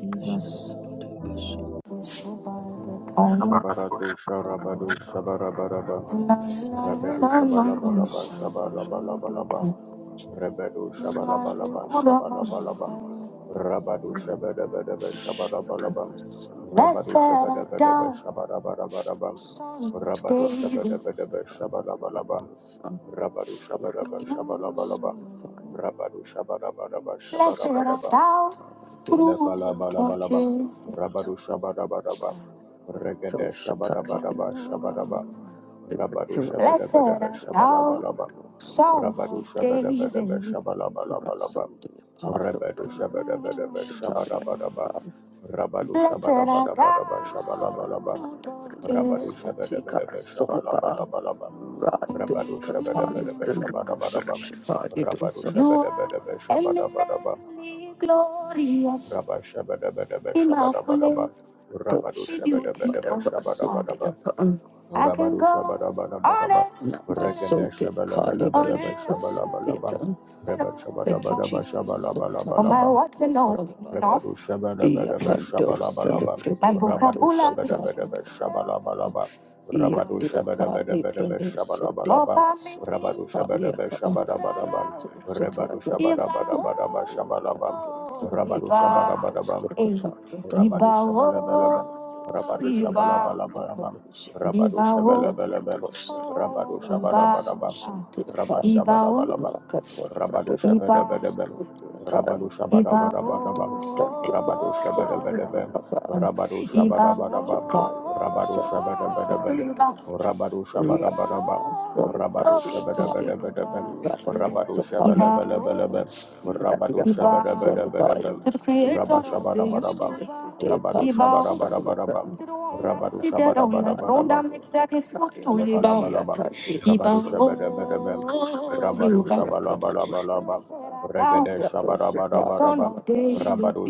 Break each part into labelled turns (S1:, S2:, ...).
S1: Jesus, we so bad that I am
S2: Shabaratu Sharabadu Shabarabaraba
S1: blind,
S2: Rebedu
S1: I am not
S2: Shabalabalaba
S1: so
S2: Shabalabalabalaba
S1: good.
S2: Rebedu
S1: We might be
S2: Shabalabalaba
S1: good of a by the
S2: Shabalabalaba
S1: power
S2: Rabadu Shabadabadaba Shabalabalaba
S1: Blessed
S2: Rabadu
S1: art
S2: Shabadabadaba
S1: thou,
S2: Shabarabarabaraba
S1: son of
S2: Rabadu
S1: David.
S2: Shabadabadaba Shabalabalaba Rabadu Shabadaba Shabalabalaba Rabadu Shabarabaraba
S1: Blessed art
S2: Shabarabaraba
S1: thou, root of
S2: Elekalabalaba
S1: Jesse.
S2: Rabadu Shabarabaraba Regede Shabarabaraba Shabaraba Rabado
S1: Blessed
S2: shabadabadaba
S1: art thou,
S2: shabalabalaba.
S1: Son
S2: Rabado
S1: of
S2: shabadabadaba
S1: David. Blessed
S2: shabalabalabalaba.
S1: art thou,
S2: Rabado
S1: God
S2: shabadabadaba shabadabadaba. Rabado shabadabadabadaba shabalabalaba. Rabado
S1: is
S2: shabadabadaba shabalabalabalaba. Rabado shabadabadaba shabadabadaba. Rabado
S1: You are
S2: shabadabadaba shabadabadaba.
S1: eminently glorious,
S2: Rabado shabadabadaba shabadabadaba.
S1: immaculate
S2: Rabado
S1: be
S2: shabadabadaba
S1: beautiful.
S2: shabadabadaba.
S1: I can
S2: Rabadu
S1: go on it.
S2: Shabadabadabadaba, Regada Shabalabalabalaba Shabalabalaba, Rebad
S1: Thank you,
S2: Shabadabadaba
S1: Jesus. Sota Oh, my
S2: Shabalabalabalaba,
S1: words are pando not salabaya.
S2: Rebadu
S1: enough.
S2: Shabadabadaba
S1: Yapando
S2: Shabalabalaba,
S1: celebrate My
S2: Rabadu
S1: vocabulary is
S2: Shabadabadaba
S1: still
S2: Shabalabalaba, Rabadu
S1: Yandia Kali
S2: Shabadabadabadaba
S1: Brune Sunday
S2: Shabalabalaba,
S1: Sunda
S2: Rabadu Shabadaba
S1: Paliaka
S2: Shabadabadaba, Rebadu
S1: Shataya Iba
S2: Shabadabadabadaba Shabalabam,
S1: Sokata
S2: Rabadu
S1: Iba
S2: Shabadabadabam, Rabadu
S1: Iba
S2: Shabalabalabam,
S1: Ibao,
S2: Rabadu
S1: Iba,
S2: Shabalabalabam, Rabadu Shabalabalabam, Rabadu Shabarabarabam, Rabashabalabalabam. Rabadusha Bedabedabem, Rabadusha
S1: Ibao, Iba,
S2: Badabadabadabam, Rabadusha Bedabedabem,
S1: Ibao,
S2: Rabadusha
S1: Iba oh,
S2: Badabadabam,
S1: Iba
S2: Rabadusha Bedabedabem,
S1: Iba
S2: Rabadusha Badabadabam, Rabadusha Bedabedabedabem,
S1: oh,
S2: Rabadusha
S1: Iba Iba
S2: Belebelebelebem,
S1: we
S2: Rabadusha
S1: bow
S2: Bedabedabedabem,
S1: to the creator
S2: Rabasha
S1: of the
S2: Badabadabam,
S1: universe. We
S2: Rabadusha
S1: bow to the
S2: Badabadabadabam,
S1: one that is
S2: Rabadusha
S1: seated
S2: bada bada bada bam, Rabadusha bada
S1: on
S2: bada
S1: the
S2: bada
S1: throne
S2: bam.
S1: that makes every foot to live out.
S2: Elekalabalaba,
S1: He bow, he
S2: Rabado
S1: bow.
S2: Shabadabadabam,
S1: Blessed
S2: Rabado Shabalabalabalabam,
S1: art thou,
S2: Regade
S1: son
S2: Shabarabarabarabam,
S1: of David. Mm,
S2: Rabado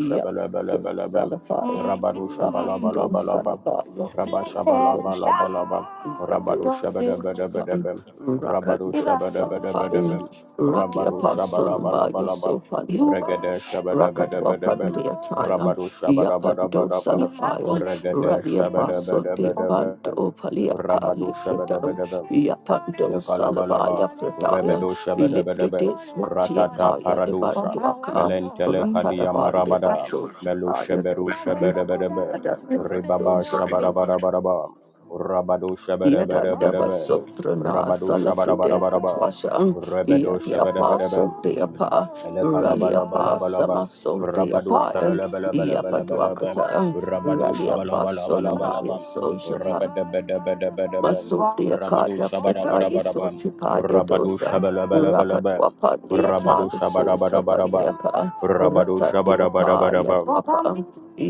S1: Blessed
S2: Shabalabalabalabam, Rabado Shabalabalabalabam,
S1: art thou,
S2: Rabba Shabalabalabalabam, Rabado
S1: Lord Jesus.
S2: Shabadabadabadabam, Rabado
S1: Rakadu bow,
S2: Shabadabadabadabam,
S1: Rati
S2: Rabado
S1: Apostle
S2: Shabalabalabalabam,
S1: so Palipa,
S2: Regade
S1: Rakatwa
S2: Shabadabadabadabam,
S1: Pandia Taya,
S2: Rabado
S1: Yapando
S2: Shabadabadabadabam,
S1: Salafaya,
S2: Regade
S1: Rati Apostle de
S2: Shabadabadabadabam,
S1: Panto Paliaka
S2: Rabado
S1: Lifritam,
S2: shabadabadaba.
S1: Yapando Salavaya
S2: Ilakalabalaba.
S1: Fritaya,
S2: Rebedo shabadabadaba.
S1: Ilipritis Matia
S2: Ratata
S1: Kaya
S2: paradosha.
S1: Libanduaka,
S2: Melentele kadia
S1: Ratadavali
S2: marabada.
S1: Basho
S2: Melu
S1: Shaya
S2: sheberu
S1: Dosa,
S2: shabadabadaba.
S1: Radha
S2: Ribaba
S1: Rasul
S2: shabadabadabadaba. Rabado
S1: Yada
S2: shabadabadabadaba.
S1: baso prana
S2: Rabado
S1: salafride
S2: shabadabadabadaba.
S1: katwasha
S2: Rebedo
S1: yadi apa
S2: shabadabadaba.
S1: sote apa rally apa
S2: Elekalabalabalabalaba.
S1: sama sote
S2: Rabado
S1: apa yapa
S2: shabalabalabalabalabalaba.
S1: duakata
S2: Rabado
S1: rally apa
S2: shabalabalabalabalabalaba.
S1: sonamaya
S2: Rabadabadabadabadaba.
S1: Masundia
S2: Rabado
S1: Kaya Fredaya
S2: shabarabarabaraba.
S1: Sortikaya
S2: Rabado
S1: Dosan,
S2: shabalabalabalaba.
S1: Rakatwa Pandia
S2: Rabado
S1: Taliso
S2: shabarabarabaraba.
S1: Sapandiaka,
S2: Rabado
S1: Ratandia Paya
S2: shabarabarabaraba.
S1: Papa,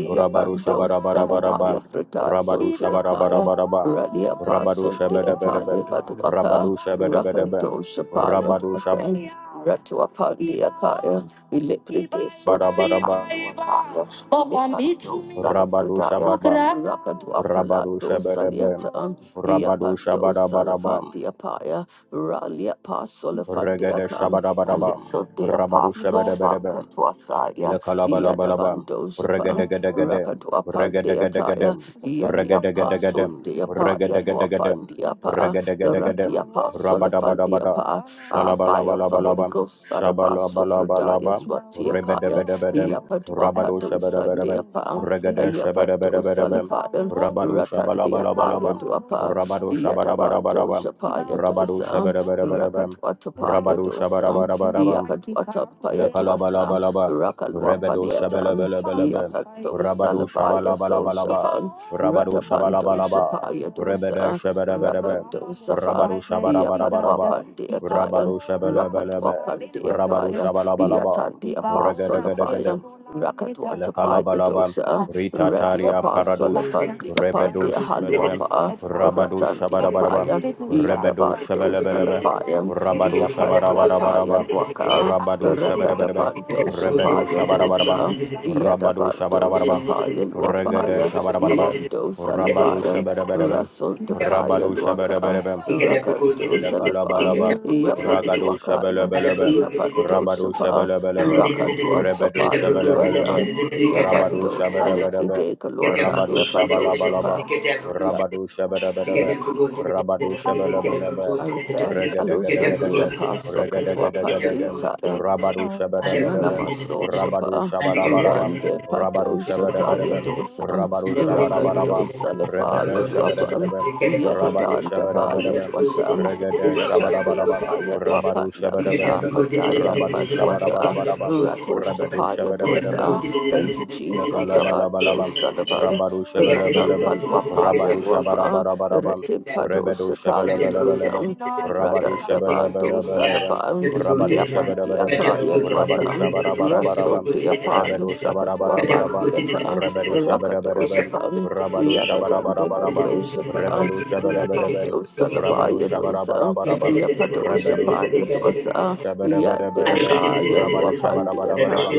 S2: Rabado
S1: Salamaya
S2: shabarabarabaraba.
S1: Frita
S2: Rabado
S1: Sotiakaya,
S2: shabarabarabaraba.
S1: Radia
S2: Rabado
S1: Paso de
S2: shabadabadaba.
S1: Atali Baduaka,
S2: Rabado shabadabadaba.
S1: Rakando Shapaya
S2: Rabado
S1: Dwasan, Ratua Pandia Kaya, Ilipride
S2: shabarabaraba.
S1: Sotiakaya, Ilipride
S2: Rabado
S1: Salafredaya,
S2: Shabadbam,
S1: Rakadwa
S2: Rabado
S1: Palado
S2: Shabadabam,
S1: Saliata.
S2: Rabado
S1: Yapanto
S2: Shabadabadabam,
S1: Salafandia Paya, Ralia Pasolafandia
S2: Regada
S1: Kan,
S2: Shabadabadabam,
S1: Alixo de
S2: Rabado
S1: Apostle
S2: Shabadabadabam,
S1: Banca Twasaya,
S2: Ila kalaba Ilakalabalabam.
S1: Yadabanto Shapan,
S2: Regadagadagadam.
S1: Rakatua Pandia
S2: Regadagadagadam.
S1: Taya, Yadia Pasul
S2: Regadagadagadam.
S1: de
S2: Regadagadagadam.
S1: Luafandia Pa,
S2: Regadagadagadam.
S1: Ratia Pasolafandia
S2: Rabadabadabada.
S1: Pa, Ah, fire of the Holy
S2: Shalabalabalabam.
S1: Ghost, Sadabaso Fridaya,
S2: Shabalabalabalabam.
S1: Swatiakaya,
S2: Rebedabedabedam. Rabado
S1: Yapatuakatu
S2: shabadabadabam.
S1: Sandia Pam, Yapanto
S2: Regadashabadabadabadabam.
S1: Salafaya,
S2: Rabado
S1: Ratandia Paya
S2: shabalabalabam.
S1: Duapa,
S2: Rabado
S1: Yatabanto
S2: shabadabadabadabam.
S1: Shapaya
S2: Rabado
S1: Dosa,
S2: shabadabadabadabam.
S1: Rakatwatapaya
S2: Rabado
S1: Dosa,
S2: shabadabadabadabam.
S1: Yakatwatapaya Dosa.
S2: Elekalabalaba, Rebedo
S1: Rakalwapaliatan,
S2: Shabalabalaba,
S1: Yakado
S2: Rabado
S1: Salabaya
S2: Shabalabalaba,
S1: Sosafan,
S2: Rabado
S1: Ratabando
S2: Shabalabalaba,
S1: Shapaya
S2: Rebede
S1: Dosa,
S2: Shabadabadaba,
S1: Rakado Safa,
S2: Rabado Shabarabaraba,
S1: Yapadwapandiatayan,
S2: Rabado Shabalabalaba, Rabado
S1: Rakatwapandiataya,
S2: Shabalabalaba,
S1: Yatandi Apostle of Fire,
S2: Regadagadagadam,
S1: Rakatwatapa
S2: Elekalabalaba,
S1: Yadosa, Radi
S2: Ritataria
S1: Apostle of
S3: Get
S2: Paradush,
S1: Fandi upon the
S2: Rebedush Bedebe,
S1: Haluafa,
S2: Rabadush
S1: Ratandi
S2: Shabarabaraba,
S1: Apaya,
S2: Rebedush
S1: Yadabando
S2: Shabelebelebe,
S1: Salafaya,
S2: Rabadush Shabarabarabaraba,
S1: Yapandwataya Waka,
S2: Rabadush Shaberebe,
S1: Ratadabando
S2: Rebedush
S1: Sapaya
S2: Shabarabaraba,
S1: Dosa,
S2: Rabadush
S1: Yadabando
S2: Shabarabaraba,
S1: Sapaya
S2: Regede
S1: Luapaya,
S2: Shabarabaraba,
S1: Yando
S2: Rabadush
S1: Salafaya.
S2: Shaberebe,
S1: Rasun de Paya
S2: Rabadush
S1: Luaka,
S2: Shaberebe,
S1: Rakanto
S2: Elekalabalaba,
S1: Salafang,
S2: Ragado
S1: Yapantuakaya,
S2: Shabalabalaba,
S1: Yapanto
S2: Rabado
S1: Sapa,
S2: Shabalabalaba,
S1: Rakadua
S2: Rebedo
S1: Sapaya
S2: Shabalabalaba,
S1: Duasan,
S2: Rabado
S1: Yapanto
S2: Shabalabalaba,
S1: Salifride
S2: Rabado
S1: Kaluataya Bado Sapa.
S2: Shabalabalaba, Rabado Shabalabalaba, Rabado Shabalabalaba,
S1: Arifes alusan de
S2: Regadagadagadagam,
S1: apostle katwa
S2: Regadagadagadagam,
S1: pandiata
S3: up,
S2: Rabado Shabalabalaba,
S1: yanamaso
S2: Rabado
S1: shapa
S2: Shabarabarabam,
S1: rande
S2: Rabado
S1: padosa taya
S2: Shabarabarabam,
S1: dosa
S2: Rabado
S1: rakando
S2: Shabarabarabam, Rebede
S1: salafaya duapan
S2: Shabarabarabam, Rabado
S1: yatadanda baya
S2: Shabarabarabam,
S1: dwasa
S2: Regede
S1: ratande
S2: shabarabarabam.
S1: apaya
S2: Rabadu
S1: duapanda
S2: shabarabarabam.
S1: katafa daya
S2: Rabadu
S1: badwasa
S2: shabarabarabam.
S1: rato
S2: Rabadu
S1: shapaya
S2: shabarabarabam.
S1: dosa thank you Jesus abando
S2: Elekalabalabam,
S1: salaban
S2: Rabado
S1: Rata
S2: Shabalabalabam,
S1: paluapa
S2: Rabado
S1: yaluapa,
S2: Shabarabarabam,
S1: Retim
S2: Rebedo
S1: Padoshata
S2: Shabalabalabam,
S1: Yadosam
S2: Rabado
S1: Rada
S3: and
S1: Dava
S2: Shabalabalabam,
S1: Dosalapam
S2: Rabado
S1: Yapan
S2: Shabadabadabam,
S1: Diaka
S2: Rabado
S1: Yadwatam Raso
S2: Shabarabarabam,
S1: Diapa
S2: Rebedo
S1: Lusakatwafa
S2: Shabarabarabam,
S1: Diata
S2: Rebedo Shabadabadabam,
S1: Rakadoshapam
S2: Rabado
S1: Yadadan Deva
S2: Shabarabarabam,
S1: Soshapa
S2: Rebedo Shabadabadabam,
S1: Rakadosalapa
S2: Rabado
S1: Yadosam
S2: Shabarabarabam, Rebedo
S1: Yapadoshapa Yadwasa
S2: Shabadabadabam,
S1: Yadiaka
S2: Rabado
S1: Yalwapan
S2: Shabarabarabam,
S1: Diata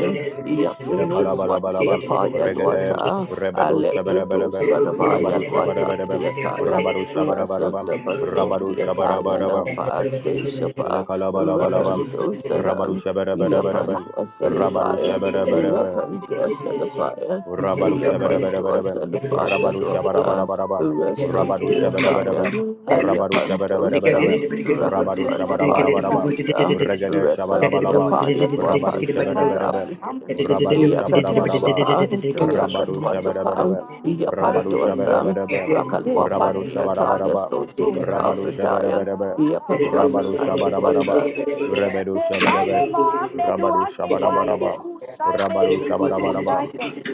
S2: Ele
S1: Yafrinis
S2: kalabalabalabam.
S1: Watiapa
S2: Regedem.
S1: Yalwata
S2: Rebedo
S1: Alepreto
S2: shabalabalabam. Rabado
S1: Sadabaya Wata
S2: shabarabarabam.
S1: Diakaya
S2: Rabado
S1: Rasun
S2: shabarabarabam.
S1: Dabaso
S2: Rabado
S1: Diakaya La
S2: shabarabarabam.
S1: Pase
S3: Get
S2: Ele
S1: Shapa
S3: Thank
S2: kalabalabalabam.
S1: Rakando
S2: Rabado
S1: Sadan
S2: shabarabarabam.
S1: Yapandua
S2: Rabado
S1: Salafaya
S2: shabarabarabam.
S1: Rakandua Salafaya Yapandua
S2: Urabarushabarabarabam.
S1: Salafaya Loka
S2: Urabarushabarabarabam.
S1: Rasun Diataya
S2: Urabarushabarabarabam.
S1: Ayapandosa
S2: Urabarushabarabarabam.
S1: Rakatwatapaya
S2: Urabarushabarabarabam.
S1: Dosa
S2: Urregade
S1: Rasandia
S2: shabarabalabam.
S1: Paya Wapandi
S2: Urabarushabarabarabam.
S1: Kapriti,
S2: Urabarushabarabarabam.
S1: Yakadosapa,
S2: Urabarushabarabarabam.
S1: Rakatwatapa, Yapandosan,
S2: Urabarushabarabarabam.
S1: Rakalwapandia Taya
S2: Urabarushabarabarabam.
S1: Sotikata
S3: you.
S1: Fritaya,
S2: Urabarushabarabarabam.
S3: I
S1: Yapatwakataya
S2: Urabarushabarabarabam. Urabarushabarabarabam. Urabarushabarabarabam. Urabarushabarabarabam.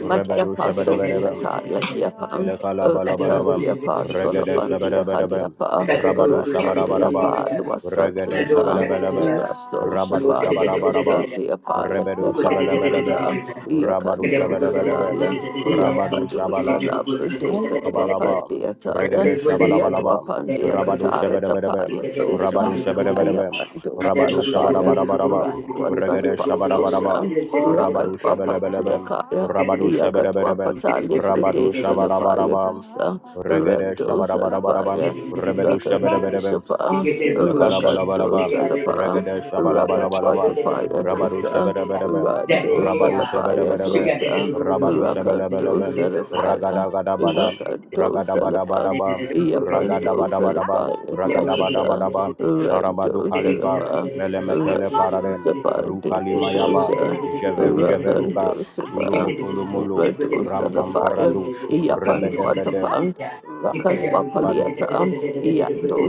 S1: Madia Paso, dear
S2: shabadabadabam.
S1: Taya, dear Pam, Ratan,
S2: Ilakalabalabalabam.
S1: dear Pa,
S2: Regada
S1: Solofan, dear
S2: shabadabadabam.
S1: Haliapa,
S2: Rabadu
S1: Ratan, dear
S2: shabarabarabam.
S1: Pa, Luasan,
S2: Regada
S1: dear Ka,
S2: shabalabalabam.
S1: Raso,
S2: Rabadu
S1: Shapa, Yado, San,
S2: shabarabarabam.
S3: got
S1: dear Pa,
S3: Thank
S2: Rebedu
S1: Yapan,
S2: shabalabalabam.
S1: Dekata,
S2: Rabadu
S1: Yakando,
S2: shabadabadabam.
S1: Salaya,
S2: Rabadu
S1: Yambado,
S2: shabala.
S1: Sala, Predicate, Wapan,
S2: Shabalabam,
S1: dear
S2: Regede
S1: Yadwa
S2: Shabalabalabam,
S1: Pandia
S2: Rabadu
S1: Katara Tapaya
S2: Shabarabarabam,
S1: sosha
S2: Rabadu Shabarabarabam,
S1: Ayapando
S2: Rabadu
S1: Salafaya,
S2: Shabarabarabam,
S1: Randwa
S2: Regede
S1: Sadapa Soshan,
S2: Shabarabarabam, Rabadu
S1: Rakadwa Pantia
S2: Shabalabalabam,
S1: Kaya,
S2: Rabadu
S1: Yakadwa
S2: Shabarabarabam,
S1: Pata Libre de
S2: Rabadu
S3: you.
S1: Solafaya
S2: Shabarabarabam,
S1: Dosa,
S2: Regede
S1: Rando
S2: Shabarabarabam,
S1: Salafaya,
S2: Rebedu
S1: Rakando
S3: Zendaya,
S2: Shabarabarabam,
S1: Shapa, Rakando
S2: Elekalabalaba,
S1: Salapa,
S2: Regade
S1: Rakadwa
S2: Shabalabalabalaba,
S1: Tapaya
S2: Rabadu
S1: Dosa,
S2: Shabedabedabem,
S1: Rando
S2: Rabadu
S1: Salafaya
S3: she got
S2: Shabedabedabem,
S3: it.
S1: Dosa,
S2: Rabadu
S1: Rakando
S2: Shabelebelebem,
S1: Salafaya,
S2: Ragadagabadabam,
S1: Rakando Salapa.
S2: Ragadabadabadabam,
S1: Yapanto
S2: Ragadabadabadabam,
S1: Salafaya Drakata,
S2: Ragadabadabadabam,
S1: Ranto
S2: Sharamadu kalipam,
S1: Salaba,
S2: Melemetele
S1: Ranto
S2: Paradem,
S1: Sapante
S2: Rukalimayabam,
S1: Katosha,
S2: Jeveru Jeverugam,
S1: Rakanto Sapa,
S2: Ulumufulumulu,
S1: Rato Salafaya,
S2: Rampamparadush,
S1: Yapanto
S2: Rebedebedem,
S1: Atapan, Rakatwa
S2: Ebadu
S1: Paliata, Yando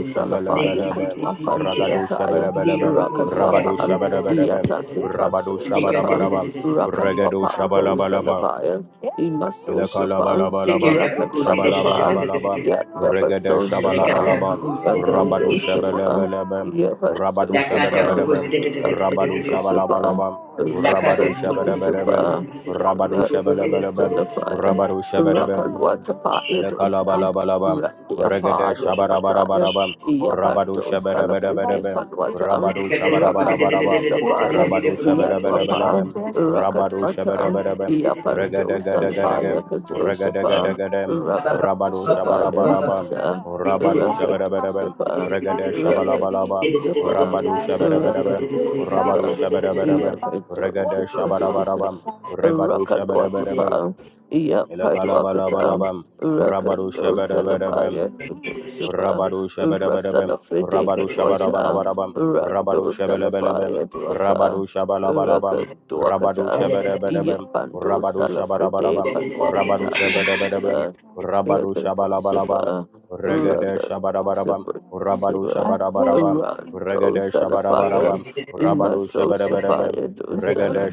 S3: Thank
S1: Salafaya
S2: Shabalabalabam,
S1: Katwa
S2: Ragado
S1: Fatiataya,
S2: Shabalabalabam,
S1: Rakat
S2: Rabado
S1: Wapan,
S2: Shabarabarabam,
S1: Yata
S2: Rabado
S1: Dipaso Shapan,
S2: Shabarabarabam,
S1: Rakat
S2: Regado
S1: Wapan
S2: Shabalabalabam,
S1: Dosalabaya, Imaso Shapan,
S2: Elekalabalabam,
S1: Rakat Watapa,
S2: Shabalabalabam,
S3: you.
S1: Yata
S2: Regade
S1: Baso Shapan,
S3: Jekata
S2: Shabalabalabam,
S3: Bogus
S1: Rakan
S2: Rabado
S1: Dosapa,
S3: Dakata
S2: Shabalabalabam,
S1: Yabaso
S2: Rabado
S1: Shapa,
S3: Bogus
S2: Shabarabarabam, Rabado
S1: Rakan
S2: Shabalabalabam,
S1: Dosapa,
S3: Lakata
S2: Rabado
S1: Rakat
S3: Bogus
S2: Shabarabarabam,
S1: Dosapa,
S2: Rabado
S1: Rakan
S2: Shabalabalabam,
S1: Salafaya,
S2: Rabado Shabarabarabam,
S1: Rakan Watapa Yadosam,
S2: Elekalabalaba,
S1: Rakia
S2: Regede
S1: Pa Yadwataya,
S2: Shabarabarabaraba, Rabadu
S1: Yapando Salafride
S2: Shabarabarabaraba,
S1: Salwatam,
S2: Rabadu
S1: Rapando
S2: Shabarabarabaraba,
S1: Sapaya,
S2: Rabadu
S1: Yadwapa,
S2: Shabalabalabalaba, Rabadu
S1: Rakatwatam,
S2: Shabarabarabaraba, Regede
S1: Yapando
S2: Gedegedegem,
S1: Salapaya
S2: Regede
S1: Kadosapa,
S2: Gedegedem, Rabadu
S1: Rakatwasapaya
S2: Shabarabaraba,
S1: Kusa,
S2: Rabadu Shabarabaraba,
S1: Rakatwasapa,
S2: Regede Shabalabalaba,
S1: Rakatwasapa,
S2: Rabadu Shabarabaraba, Rabadu
S1: Rakatwasapa,
S2: Shabarabaraba, Regede Shabarabaraba,
S1: Yakatwasapa,
S2: Rebadu Shabarabaraba,
S1: Rakatwatapa, Yapadwakatam,
S2: Elekalabalabam, Rabadu
S1: Rakando
S2: Shabadabadabam,
S1: Salabaya Kadosapa.
S2: Rabadu Shabadabadabam,
S1: Rasala Fride
S2: Rabadu
S1: Katwasha,
S2: Shabadabadabam, Rabadu
S1: Rando
S2: Shabalabalabam,
S1: Salafaya Duaka,
S2: Rabadu
S1: Raka
S2: Shabalabalabam, Rabadu
S1: Duakata,
S2: Shabadabadabam,
S1: Yapando
S2: Rabadu
S1: Salafride
S2: Shabadabadabam, Rabadu
S1: Panwakata
S2: Shabadabadabam,
S1: Yadosa,
S2: Rabadu
S1: Raka
S2: Shabalabalabam,
S1: Dosapa,
S2: Regede
S1: Raka
S2: Shabadabadabam,
S1: Dosapa
S2: Rabadu Shabadabadabam,
S1: Dosapa, Rando
S2: Regede
S1: Salafaya,
S2: Shabadabadabam, Rabadu
S1: Imaso
S2: Shabadabadabam,
S1: Sapaya
S2: Regede
S1: Dosa,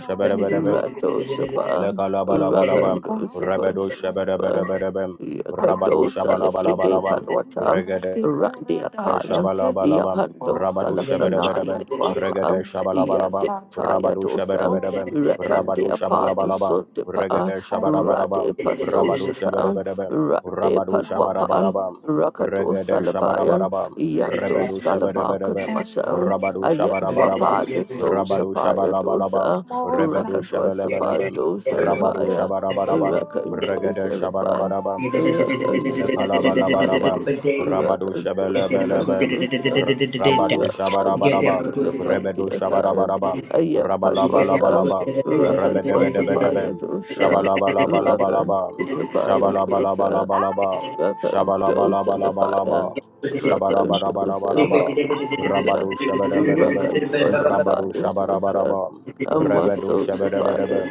S3: Get
S2: Shabadabadabam,
S1: Rato Sapa, Raka
S2: Elekalabalabam,
S1: Dosapa
S2: Rabado
S1: Dosapa.
S2: Shabadabadabadabam, Rabado
S1: Yakato Salafride
S2: Shabalabalabam,
S1: Palwatan,
S2: Regade
S1: Randi Akayan,
S2: Shabalabalabam,
S1: Yapando
S2: Rabadu
S1: Salafranaya
S2: Shabarabarabam, Regade
S1: Dwapan,
S2: Shabalabalabam,
S1: Yandikataya
S2: Rabadu
S1: Dosan,
S2: Shabarabarabam,
S1: Ratandi
S2: Rabadu
S1: Apadu
S2: Shabalabalabam,
S1: Sotipa,
S2: Regade Shabarabarabam,
S1: Rade Paso
S2: Rabadu
S1: Shatan,
S2: Shabarabarabam,
S1: Rade
S2: Rabadu
S1: Palwapan,
S2: Shabarabarabam,
S1: Rakato
S2: Regade
S1: Salabayan,
S2: Shabarabarabam,
S1: Yando
S2: Rebedu
S1: Salabaka
S2: Shabarabarabam,
S1: Twashan,
S2: Rabadu Shabarabarabam,
S1: Ayandwapali So
S2: Rabadu
S1: Shapaya
S2: Shabalabalabam,
S1: Dosa,
S2: Rebedu
S1: Rakadwa
S2: Shabalabalabam,
S1: Sapado
S2: Rabadu
S1: Salabaya,
S2: Shabarabarabam,
S1: Rakando
S2: Regade
S1: Salabaya.
S2: Shabarabarabam,
S1: Rakandosabaya,
S2: Elekalabalabam, Rabadu Shabalabalabam,
S1: Rakandosapandosa,
S2: Rabadu Shabarabarabam, Rebedu
S1: Rakanditanapandiyataya,
S2: Shabarabarabam,
S1: Ayampatwasa,
S2: Rabalabalabam,
S1: Rakandwatapaya
S2: Rebedebedebedebem,
S1: dosa,
S2: Shabalabalabalabam,
S1: Rakandosapaya dosa,
S2: Shabalabalabalabam,
S1: Rakandosalabaya,
S2: Shabalabalabalabam,
S3: Thank
S2: Shabarabarabarabam,
S1: Rakandosalabaya
S2: Rabadu
S1: dosa,
S2: Shabarabarabam, Rabadu
S1: Rakandwasapaya dosa,
S2: Shabarabarabam, Rebedu
S1: Amasosapaya
S2: Shabarabarabam,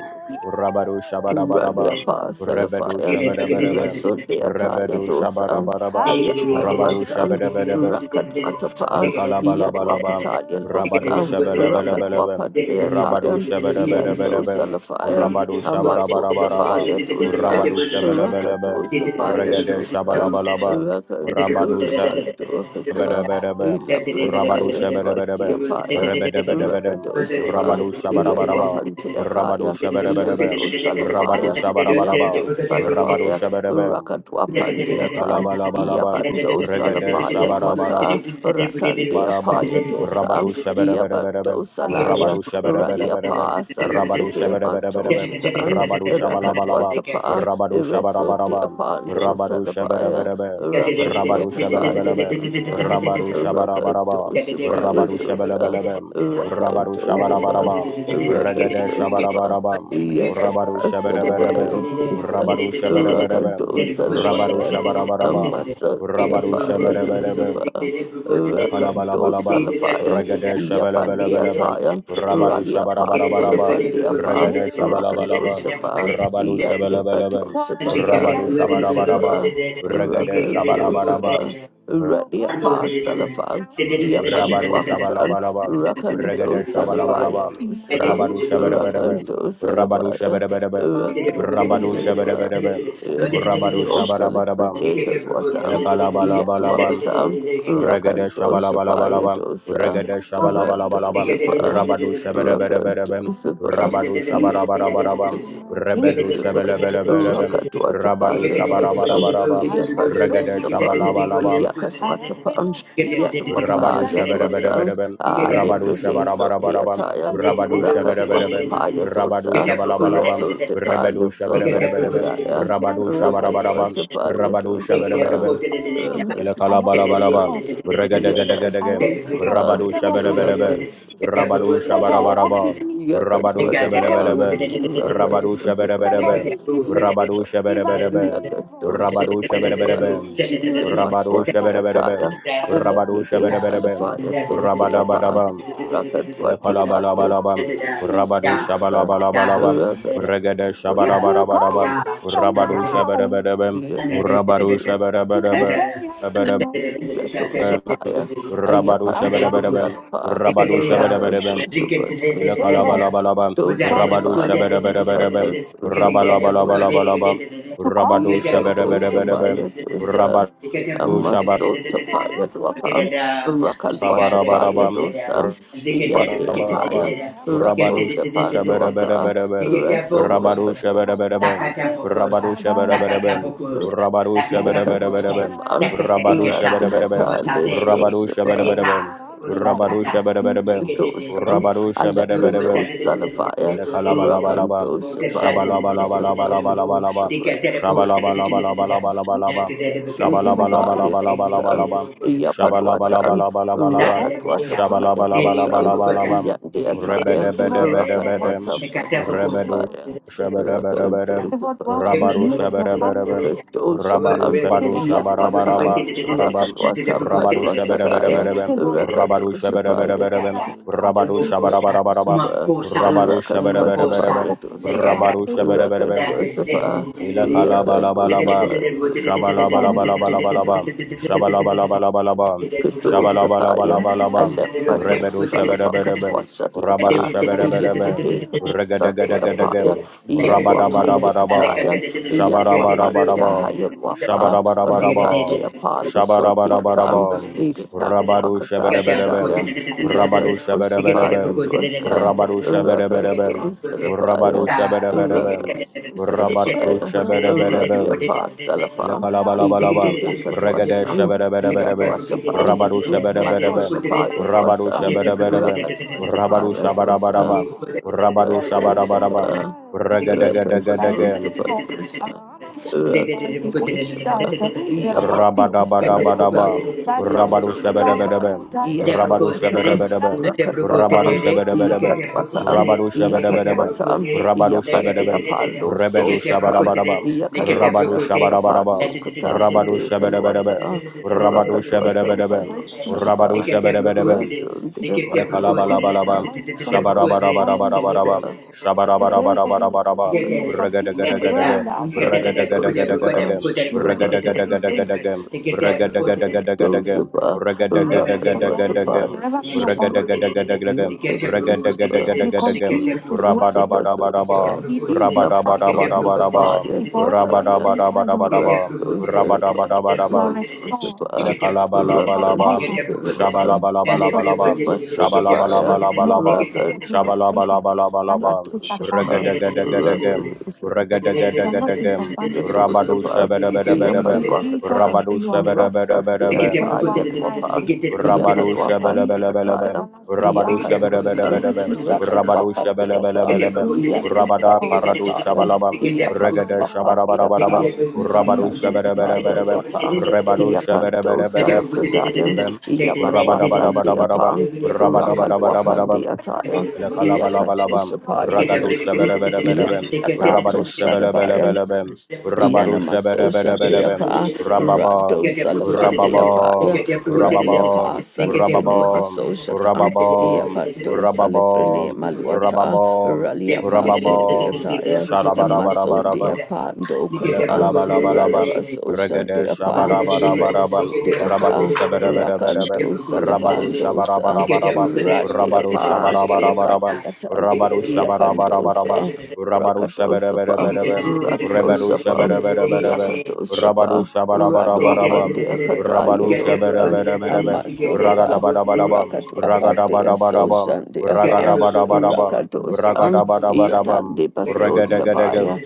S2: Rabadu
S1: Radia
S2: Shabarabarabam, Rebedu
S1: Pasalafaya,
S2: Shabarabarabam,
S1: Reson de Ataya
S2: Rebedu
S3: you.
S1: Dosan,
S2: Shabarabarabam,
S3: Thank
S1: Ayam
S2: Rabadu
S1: Paduasan,
S2: Shabedebedebem,
S1: Rakatwatapa,
S2: Elekalabalabam,
S1: Yadwapataya
S2: Rabadu
S1: Losa,
S2: Shabelebelebelebem,
S1: Rakatwapan de
S2: Rabadu
S1: Atayan, Yando
S2: Shabedebedebedebem,
S1: Salafaya,
S2: Rabadu
S1: Amaso de
S2: Shabarabarabarabam,
S1: Paya Dosa,
S2: Rabadu Shabelebelebem,
S1: Rakatosa Paya
S2: Regede
S1: Dosa,
S2: Shabalabalabam, Rabadu
S1: Rakantosa Panduakata,
S2: Shabedebedebem, Rabadu
S1: Ilapretaya
S2: Shabedebedebem,
S1: Swatia Paya,
S2: Rebedebedebedem,
S1: Rakatosa Pa,
S2: Rabadu Shabarabarabam, Rabadu
S1: Yadwapantea
S2: Shabedebedebem,
S1: Yando
S2: Rabadu
S1: Salafaya,
S2: Shabarabarabam,
S1: Yando
S2: Rabadu
S1: Salafaya,
S3: you.
S2: Shabedebem,
S1: Rakatwa
S3: Thank
S2: Ele
S1: Pandeatan,
S2: kalaba, Elekalabalabam,
S1: Yabando
S2: Regede
S1: Salafaya
S2: Shabarabara
S1: Dwata, Ratandea
S2: Barabam,
S1: Paya Dosa,
S2: Rabadu Shabarabarabam,
S1: Yabando
S2: Rabadu
S1: Salaya,
S2: Shabarabarabam,
S1: Raliapa
S2: Rabadu
S1: Salafride
S2: Shabarabarabam,
S1: Mantoshatan,
S2: Rabadu Shabalabalabam,
S1: Rakatwatapa,
S2: Rabadu
S1: Ereso de
S2: Shabarabarabam,
S1: Apando
S2: Rabadu
S1: Salabaya,
S2: Shabarabarabam, Rabadu
S1: Rakatwatapaya
S2: Shabalabalabam,
S1: Dosa.
S2: Rabadu Shabarabarabam,
S1: Rakadosapaya
S2: Rabadu
S1: dosa,
S2: Shabalabalabam, Rabadu
S1: Rakadosapa,
S2: Shabarabarabam, Ragada
S1: Rakadosapa,
S2: Shabarabarabam, Rabadu
S1: Yedapa
S3: Thank
S2: Shabarabarabam,
S1: Salabaya Desa
S2: Rabadu Shabarabarabam,
S1: Rakado
S2: Rabadu
S1: Salabaya
S2: Shabarabarabam,
S1: Amasandia
S2: Rabadu
S1: Paya
S2: Shabarabarabam,
S1: dosapa,
S2: Elekalabalabam,
S1: Rakadosa pa,
S2: Regade Shabalabalabam, Rabadu Shabarabarabam,
S1: Radia pa,
S2: Regade
S1: Rakado
S2: Shabalabalabam,
S1: Sapa
S2: Rabadu
S1: Yandipato
S2: Shabalabalabam,
S1: Sapa
S2: Rabadu
S1: Dakado
S2: Shabarabarabam,
S1: Sapa
S2: Regade
S1: Rakado
S2: Shabarabarabam,
S1: Sapa Ralia Pa Salafan, Yapan
S2: Rabadu Shabalabalabam,
S1: Rakanto
S2: Regade
S1: Salabaya
S2: Shabalabalabam,
S1: Dosa,
S2: Rabadu Shabarabam,
S3: you.
S1: Rakanto
S2: Rabadu
S1: Salabaya,
S2: Shabarabam,
S1: Rakanto
S3: Thank
S2: Rabadu
S1: Salabaya,
S2: Shabarabam, Rabadu
S1: Rakanto
S2: Shabarabarabam,
S1: Salifredeka Twasam,
S2: Elekalabalabam,
S1: Yatwakatam,
S2: Regede
S1: Rakanto Sapaya
S2: shabalabalaba.
S1: Dosa,
S2: Regede
S1: Rakanto
S2: shabalabalaba.
S1: Sapa,
S2: Rabadu
S3: you
S2: shabalabalaba.
S1: Rakanto
S2: Rabadu shabalabalaba. Rebedu
S1: Sapa,
S2: shabalabalaba. Rabadu
S1: Rakatwatapaya Dwasam,
S2: shabalabalaba.
S1: Yapanto
S2: Regede
S1: Sapan,
S2: shabalabalaba.
S1: Yakatwatapan, Yatwapa,
S2: Rabadu
S1: Yatwasan,
S2: shabalabalaba.
S1: Ah,
S2: Rabadu
S1: Librode Sunday
S2: shabalabalaba.
S1: attire,
S2: Rabadu
S1: Rakat
S2: shabalabalaba.
S1: Watapaya
S2: Rabadu
S1: dosa,
S2: shabala shabalabalaba.
S1: Rasun de
S2: Rebedu
S1: Paluson de
S2: shabalabalaba.
S1: Pradaya,
S2: Rabadu
S1: Rakat
S2: shabalabalaba.
S1: Watapaya
S2: Rabadu shabalabalaba.
S1: dosapa, Rakat
S2: Elekalabalaba,
S1: dosapa. Yakat
S2: Regadegadegadegem,
S1: dosapa,
S2: Rabadu
S1: Rakat
S2: Shabelebelebem,
S1: dosapa.
S2: Rabadu
S1: Favor walks with
S2: Shabarabarabam,
S3: the
S1: me. Yakat
S2: Rabadu
S3: they got that ever
S1: watapa,
S3: with
S2: Shabelebelebem,
S1: Rakat
S3: it.
S2: Rabadu
S1: dosapa.
S3: Like
S1: Favor
S3: a
S2: Shabelebelebem,
S1: lives with
S3: devil said
S1: me.
S2: Rabadu
S1: Divine.
S2: Shabelebelebem,
S1: Yakat dosa.
S2: Rabadu
S1: When you see me, you
S2: Shabelebelebem,
S1: see divine. And must
S2: Rabadu
S1: want the
S2: Shabelebelebem,
S1: attire.
S2: Rabadu
S1: Elebride
S2: Shabelebelebem,
S1: Salafaya Sotiapa
S2: Rabadabadabam,
S1: Rakadwatapaya
S2: Elekalabalabam, Rabadu
S1: Lusa
S2: Shabalabalabam, Regade
S1: It will go
S2: Shabarabarabam,
S1: with me from
S2: Rabadu
S1: now
S2: Shabelebelebem, Rabadu
S1: to the day I see
S2: Shabelebelebem,
S1: my king. Yato Sapaya
S3: that.
S2: Rabadu
S3: J'aime
S1: Ayapanto
S3: beaucoup ça.
S2: shabarabarabam.
S1: Salapa
S3: C'est que
S2: Rabadu
S3: t'es des, euh,
S2: shabarabarabam.
S3: c'est que t'es des-
S1: Rakadwatapaya
S3: des- des- des- des- des-
S2: Ilakalabalabalabam.
S3: vous avez des-
S2: Rabadu
S3: beaucoup de-
S1: Salapa
S3: de- de- de- de- de- de-
S2: shabarabarabam.
S3: de- et c'est que t'es des- beaucoup de-
S1: Rakadwatapaya
S3: de- de-
S2: Rabalabalabalabam.
S3: de- de- de-
S1: to call.
S2: Rabadu
S3: que t'aimes beaucoup,
S1: Yakato
S3: c'est de- de- de- de-
S2: shabarabarabam.
S1: Sabaya
S3: de- de- de- de-
S1: Tosa
S2: Rabadu
S3: et que t'aimes beaucoup, c'est de- de- de- de- de- de- de- de-
S1: Masotapaya
S3: c'est
S1: Dwapa,
S3: de- de- c'est que t'es- de- de- de-
S1: Rakalwatapaya
S3: de-
S2: shabarabarabam.
S1: Dosa,
S3: c'est que t'es des-
S1: Yante
S3: beaucoup de- de-
S2: Barabarabam,
S1: Ataya,
S3: de- de- et que t'es
S2: Rabadu
S1: Rason
S3: des-
S1: de
S3: de- de- de- de- de- de-
S1: Panduaka,
S3: et
S2: Shabarabarabam,
S3: que t'aimes
S1: Rason
S3: beaucoup
S1: de
S3: ça.
S2: Rabadu
S1: Padosa.
S3: La
S2: Shabarabarabam, Rabadu Shabarabarabam, Rabadu Shabarabarabam,
S1: Yakadosapa,
S2: Rabadu Shabarabarabam,
S1: Randiata
S3: Ziggy
S2: Rabadu
S1: Lesosapa,
S2: Shabarabarabam, Rabadu Shabarabarabam,
S1: Dosa,
S2: Rabadu Shabarabarabam,
S1: Alepradose Salafaya,
S2: Elekalabalabalabalaba.
S1: Rakandosapa, Dosapa,
S2: Shabalabalabalabalabalaba.
S1: Dosapa,
S2: Shabalabalabalabalabalaba.
S1: Zibayatosan,
S2: Shabalabalabalabalabalaba.
S1: Yapalwatan,
S2: Shabalabalabalabalabalaba.
S1: Rakatwata Payatosan,
S2: Shabalabalabalabalabalaba.
S1: Yandiataya,
S2: Rebedebedebedebede.
S1: Rakatwata
S2: Rebedu
S1: Padusabaya,
S2: shebedebedebede. Rabadu
S3: Makosa,
S2: shebedebedebe. Rabadu
S1: Rakatoshapan,
S2: shabadu
S1: Yatwatan,
S2: shabarabarabaraba.
S1: Rakatwatan
S2: Rabadu
S1: Paduasadaya,
S2: shebedebedebedebe. Rabadu
S1: Rakatoshapaya.
S2: shebedebedebedebe. Rabadu shabarabarabaraba.
S1: Rakatosapa,
S2: Rabarusha
S1: Rakatwata
S3: Mokosa,
S2: barabarabam.
S1: Payatosa,
S2: Rabarusha
S3: Lekatako,
S2: barabarabam.
S3: that
S1: Rakatosapa,
S2: Ilakalabalabalabalabam.
S1: Yakalusapa
S2: Shabalabalabalabalabalabam. Shabalabalabalabalabalabam.
S1: Sapaya,
S2: Shabalabalabalabalabalabam.
S1: Alepado
S2: Rebedu shabedebedebem.
S3: is
S1: Salafakatwasha
S3: Thank
S2: Rabadu
S1: Diata,
S3: you.
S2: shabedebedebem.
S1: Elipride Sunday Apaya,
S2: Regedegedegedegeem.
S1: Yatwapandi
S2: Rabadabadabadabam.
S1: Kataya, Yatwapandi
S2: Shabadabadabadabam.
S1: Ahayalwapa. Ratati
S2: Shabadabadabadabam.
S1: Apollo Sotiatan,
S2: Shabadabadabadabam.
S1: Ilitan
S2: Rabadu
S1: Duakata
S3: got them go
S2: shabedebedebem.
S1: Pradaya,
S3: to
S2: Rabadu
S3: the
S1: Yakatusa
S3: you get them
S1: Paya
S3: go to the they get them go to
S2: shabedebedebem.
S3: the
S1: Dosa,
S2: Rabadu
S3: they get
S2: shabedebedebem.
S1: Rakatusa
S2: Rabadu
S1: Lapaya.
S2: shabedebedebem. Rabadu
S3: them
S1: Radia
S3: go to
S2: Shabarabarabam,
S3: the
S1: Pasalafam,
S3: Thank
S2: Lakalabalabam,
S1: Electrica
S2: Regade
S1: Twasam,
S2: Shabarabarabam,
S1: Yadwasapam,
S2: Rabadu Shabarabarabam,
S1: Madosapaya
S2: Rabadu
S1: Dwasam,
S3: you.
S2: Shabarabarabam, Rabadu
S1: Rakatwatapaya Dosa,
S2: Shabarabarabam, Rabadu Shabarabarabam,
S1: Rakadosapa.
S2: Regadegadegam, Rabadabadabadabam. Rabadu shabadabadabam. Rabadu
S3: Tebrukotere,
S2: shabadabadabam. Rabadu
S3: Tebrukotere, Dike
S2: shabadabadabam.
S3: Tebrukotere,
S2: Rabadu
S3: Dike
S2: shabadabadabam.
S3: Tebrukote,
S2: Rabadu
S3: Dike
S2: shabadabam.
S3: Tebrukotere,
S2: Rebedu
S3: Dike Tebrukotere,
S2: shabadabadabam.
S3: Dike
S2: Rabadu
S3: Tebrukote,
S2: shabadabadabam.
S3: Dike
S2: Rabadu shabadabadabam. Rabadu shabadabadabam. Rabadu shabadabadabam.
S3: Tebrukotere,
S1: Rasun de
S3: Dike
S1: Abaya
S3: Tebrukotere,
S1: Dosa,
S2: Elekalabalaba,
S1: Rasun de
S2: shabarabarabarabarabaraba,
S1: Apaya, the days of your life,
S2: shabarabarabarabarabaraba,
S1: that you will continue to dwell in
S2: urragadagadagadagam,
S1: the house of the
S2: urragadagadagadagam,
S1: Lord, Jesus, that
S2: urragadagadagadagam,
S1: you continue to be
S2: urragadagadagadagam,
S3: Tebrukotere,
S1: favored,
S3: Thank
S1: that the hands of the Lord will
S2: urragadagadagadagam,
S1: forever be upon you,
S2: urragadagadagadagam,
S1: that He
S2: urragadagadagadagam,
S1: continues to dwell with
S2: urrabarabaraba,
S1: you, that He lives inside of you,
S2: urrabarabarabarabaraba,
S1: He forever lives inside of
S2: urrabarabarabarabaraba,
S1: you. You are
S2: urrabarabarabarabaraba,
S1: restored, you are covered,
S2: Elekalabalabalaban.
S1: you are sustained,
S2: Shabalabalabalabalaban.
S1: you are
S2: Shabalabalabalabalaban.
S1: lifted, you are guided. We are not
S2: Shabalabalabalabalaban.
S1: disadvantaged. We
S2: Regadegadegadegem.
S1: are not
S2: Regadegadegadegem.
S1: disadvantaged. Thank
S2: Rabadu shabedebedebedebem.
S1: you, Jesus, for
S2: Rabadu
S1: you are
S3: you.
S1: good. Thank you
S2: shabedebedebedebem.
S1: for you
S2: Rabadu
S1: are kind. Thank
S2: shabelebelebelebem.
S1: you,
S2: Rabadu
S1: Jesus,
S2: shabedebedebedebem.
S1: for the everlasting
S2: Rabadu
S1: Father.
S2: shabelebelebelebem.
S1: Glory to your
S2: Rabada paradu shabalabam.
S1: name,
S2: Regade
S1: O God. Glory to
S2: shabarabarabam.
S1: your
S2: Rabadu
S1: name, O
S2: shabedebedebedebem. Rebadu
S1: God.
S2: Shabedabedabedabem,
S1: Glory to your name, O God. Thank you, Jesus.
S2: Rabadabadabadabadabam.
S1: Yapan
S2: Rabadabadabadabadabam.
S1: Rakalwapandi Ataya,
S2: Elekalabalabam.
S1: Yakatosapaya
S2: Ragadu
S1: Dosan,
S2: shabereberebem.
S1: Yandi Apata
S2: Rabadu
S1: Shadabaya,
S2: shabelebelebelebem. Rabadu
S3: Get
S1: Yanamaso Shandi
S3: Get up, get
S2: shabereberebem.
S3: up, get
S1: Apa, Rado
S2: Rababam.
S3: up,
S1: Salafandi
S3: get up,
S2: Rababam.
S1: Apaya,
S3: get
S1: Rally Apa
S2: Rababam.
S1: Salafrene
S2: Rababam.
S1: Maso Shatan,
S2: Rababam.
S1: Yapando
S2: Rababam.
S1: Salafrene maluata
S2: Rababam.
S1: rali Apa Sondi
S2: Rababam.
S1: Ataya, Masondi
S2: Shalabarabarabam.
S1: Apando Kata,
S2: Elekalabalabam,
S1: Ralabaso Shandi
S2: Regede
S1: Apa,
S2: Shabarabarabarabam,
S1: Reso de
S2: Rabado
S1: Aka,
S2: Shabarabarabam,
S1: Rakando
S2: Rabado
S1: Salabandosa,
S2: Shabarabarabam, Rabado
S1: Randiapa,
S2: Shabarabarabam,
S1: Salafandiatan,
S2: Rabado Shabarabarabam,
S1: Yapandosa,
S2: Rabado
S1: Rakadosapa,
S2: Shabarabarabam, Rebado Shabarabarabam, Rabado
S1: Rasosapa,
S3: up,
S1: Yakadosapa,
S2: Shabarabarabam,
S1: Raluapandia
S2: Rabado
S1: Katayadosa,
S2: Shabarabarabam,
S1: Amasolaba.
S2: Ragadabadabadabam,
S1: Rakatu apande
S2: Ragadabadabadabam,
S1: asosan de apa
S2: Ragadabadabadabam,
S1: rakatosan
S2: Ragadabadabadabam,
S1: yatan de baso
S2: Regadagadagan,
S1: dabaya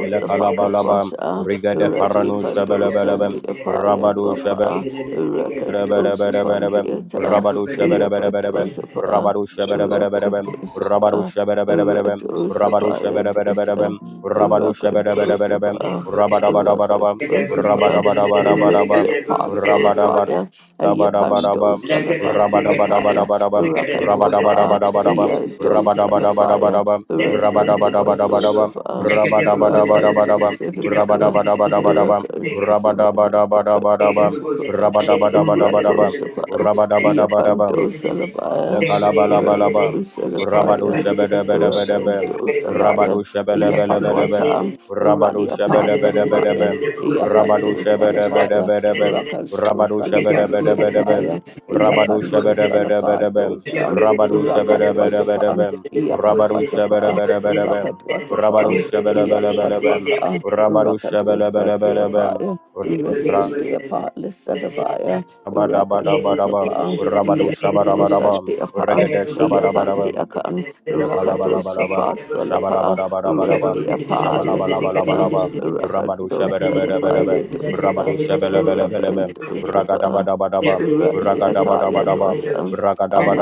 S2: Ele kalabalaba.
S1: pakatwasa
S2: Rigede paranu
S1: radipa dosan
S2: shebelebelebe.
S1: de apaya
S2: Rabadu shebe.
S1: luapa
S2: Rabarabarabarabarabam.
S1: Rakatoshapandiata,
S2: Rabarushabarabarabarabarabam.
S1: Yapatuatapa,
S2: Rabarushabarabarabarabarabam.
S1: Rakatosapa,
S2: Rabarushabarabarabarabarabam.
S1: Ratosapaya
S2: Rabarushabarabarabarabarabam.
S1: dosa,
S2: Rabarushabarabarabarabarabam.
S1: Rakatosapa,
S2: Rabarabarabarabam.
S1: Rakatosapa, Read the
S2: Rabarabarabarabarabarabam.
S1: apostle of
S2: Rabarabarabarabarabarabam.
S3: Get
S1: fire, Ayapando
S3: Like
S1: Salafandia Kaya, Rakalwapa,
S2: Rabarabarabarabarabarabam.
S1: Yado Salafaya,
S2: Rabarabarabarabarabarabam. Rabarabarabarabarabarabam.
S1: Rasun de
S2: Rabarabarabarabarabarabam.
S1: Basosapa, Rakando
S2: Rabarabarabarabarabarabam.
S1: Sadabaya,
S2: Rabarabarabarabarabarabam.
S1: Rakando
S2: Rabarabarabarabarabarabam.
S1: Sabaya. Rato
S2: Rabadabadabadabadabam.
S1: Shapa,
S2: Rabadabadabadabam.
S1: Yapanto Salabaya, Rato
S2: Elekalabalabam. Rabado
S1: Salafaya,
S2: shabadabadabadabam.
S1: Rakanto Salaya,
S2: Rabado shabalabalabam.
S1: Yapalwata,
S2: Rabado
S1: Ralia Pasadabaya,
S2: shabadabadabadabam. Rabado
S1: Yapanto Salafaya,
S2: shabadabadabadabam.
S1: Rakanto
S2: Rabado
S1: Salafanti
S2: shabadabadabadabam.
S1: Ataya,
S2: Rabado
S1: Yapanto
S3: a
S2: shabadabadabadabam.
S1: Salafando
S3: Thank
S1: Sam,
S2: Rabado
S1: Rakadwatapan,
S2: shabadabadabadabam. Rabado
S1: Yakadwatapa,
S2: shabadabadabadabam. Rabado
S1: Rakadwatapan,
S2: shabadabadabadabam.
S1: Yapadwaka,
S2: Rabado
S1: Rakadu
S2: shabadabadabadabam.
S1: Sandeapaya, Resundeapa, Lisadabaya,
S2: Rabadabadabadabam,
S1: Rakatotapa,
S2: Rabado Shabarabarabam,
S1: Yaposandiapan,
S2: Regade Shabarabarabarabam,
S1: Yapandiakan,
S2: Elekalabalaba,
S1: Rakatosapa Solapa,
S2: Shabarabarabaraba,
S1: Randiapa Yadosa,
S2: Shabalabalabalaba, Rabadu
S1: Rakatosalapa
S2: Shabarabarabaraba, Rabadu
S1: Yadosa,
S2: Shabalabalabalaba,
S3: you
S1: Rakatosapa.
S2: Ragadabadabadaba,
S1: Randiataya
S2: Ragadabadabadaba,
S1: dosa,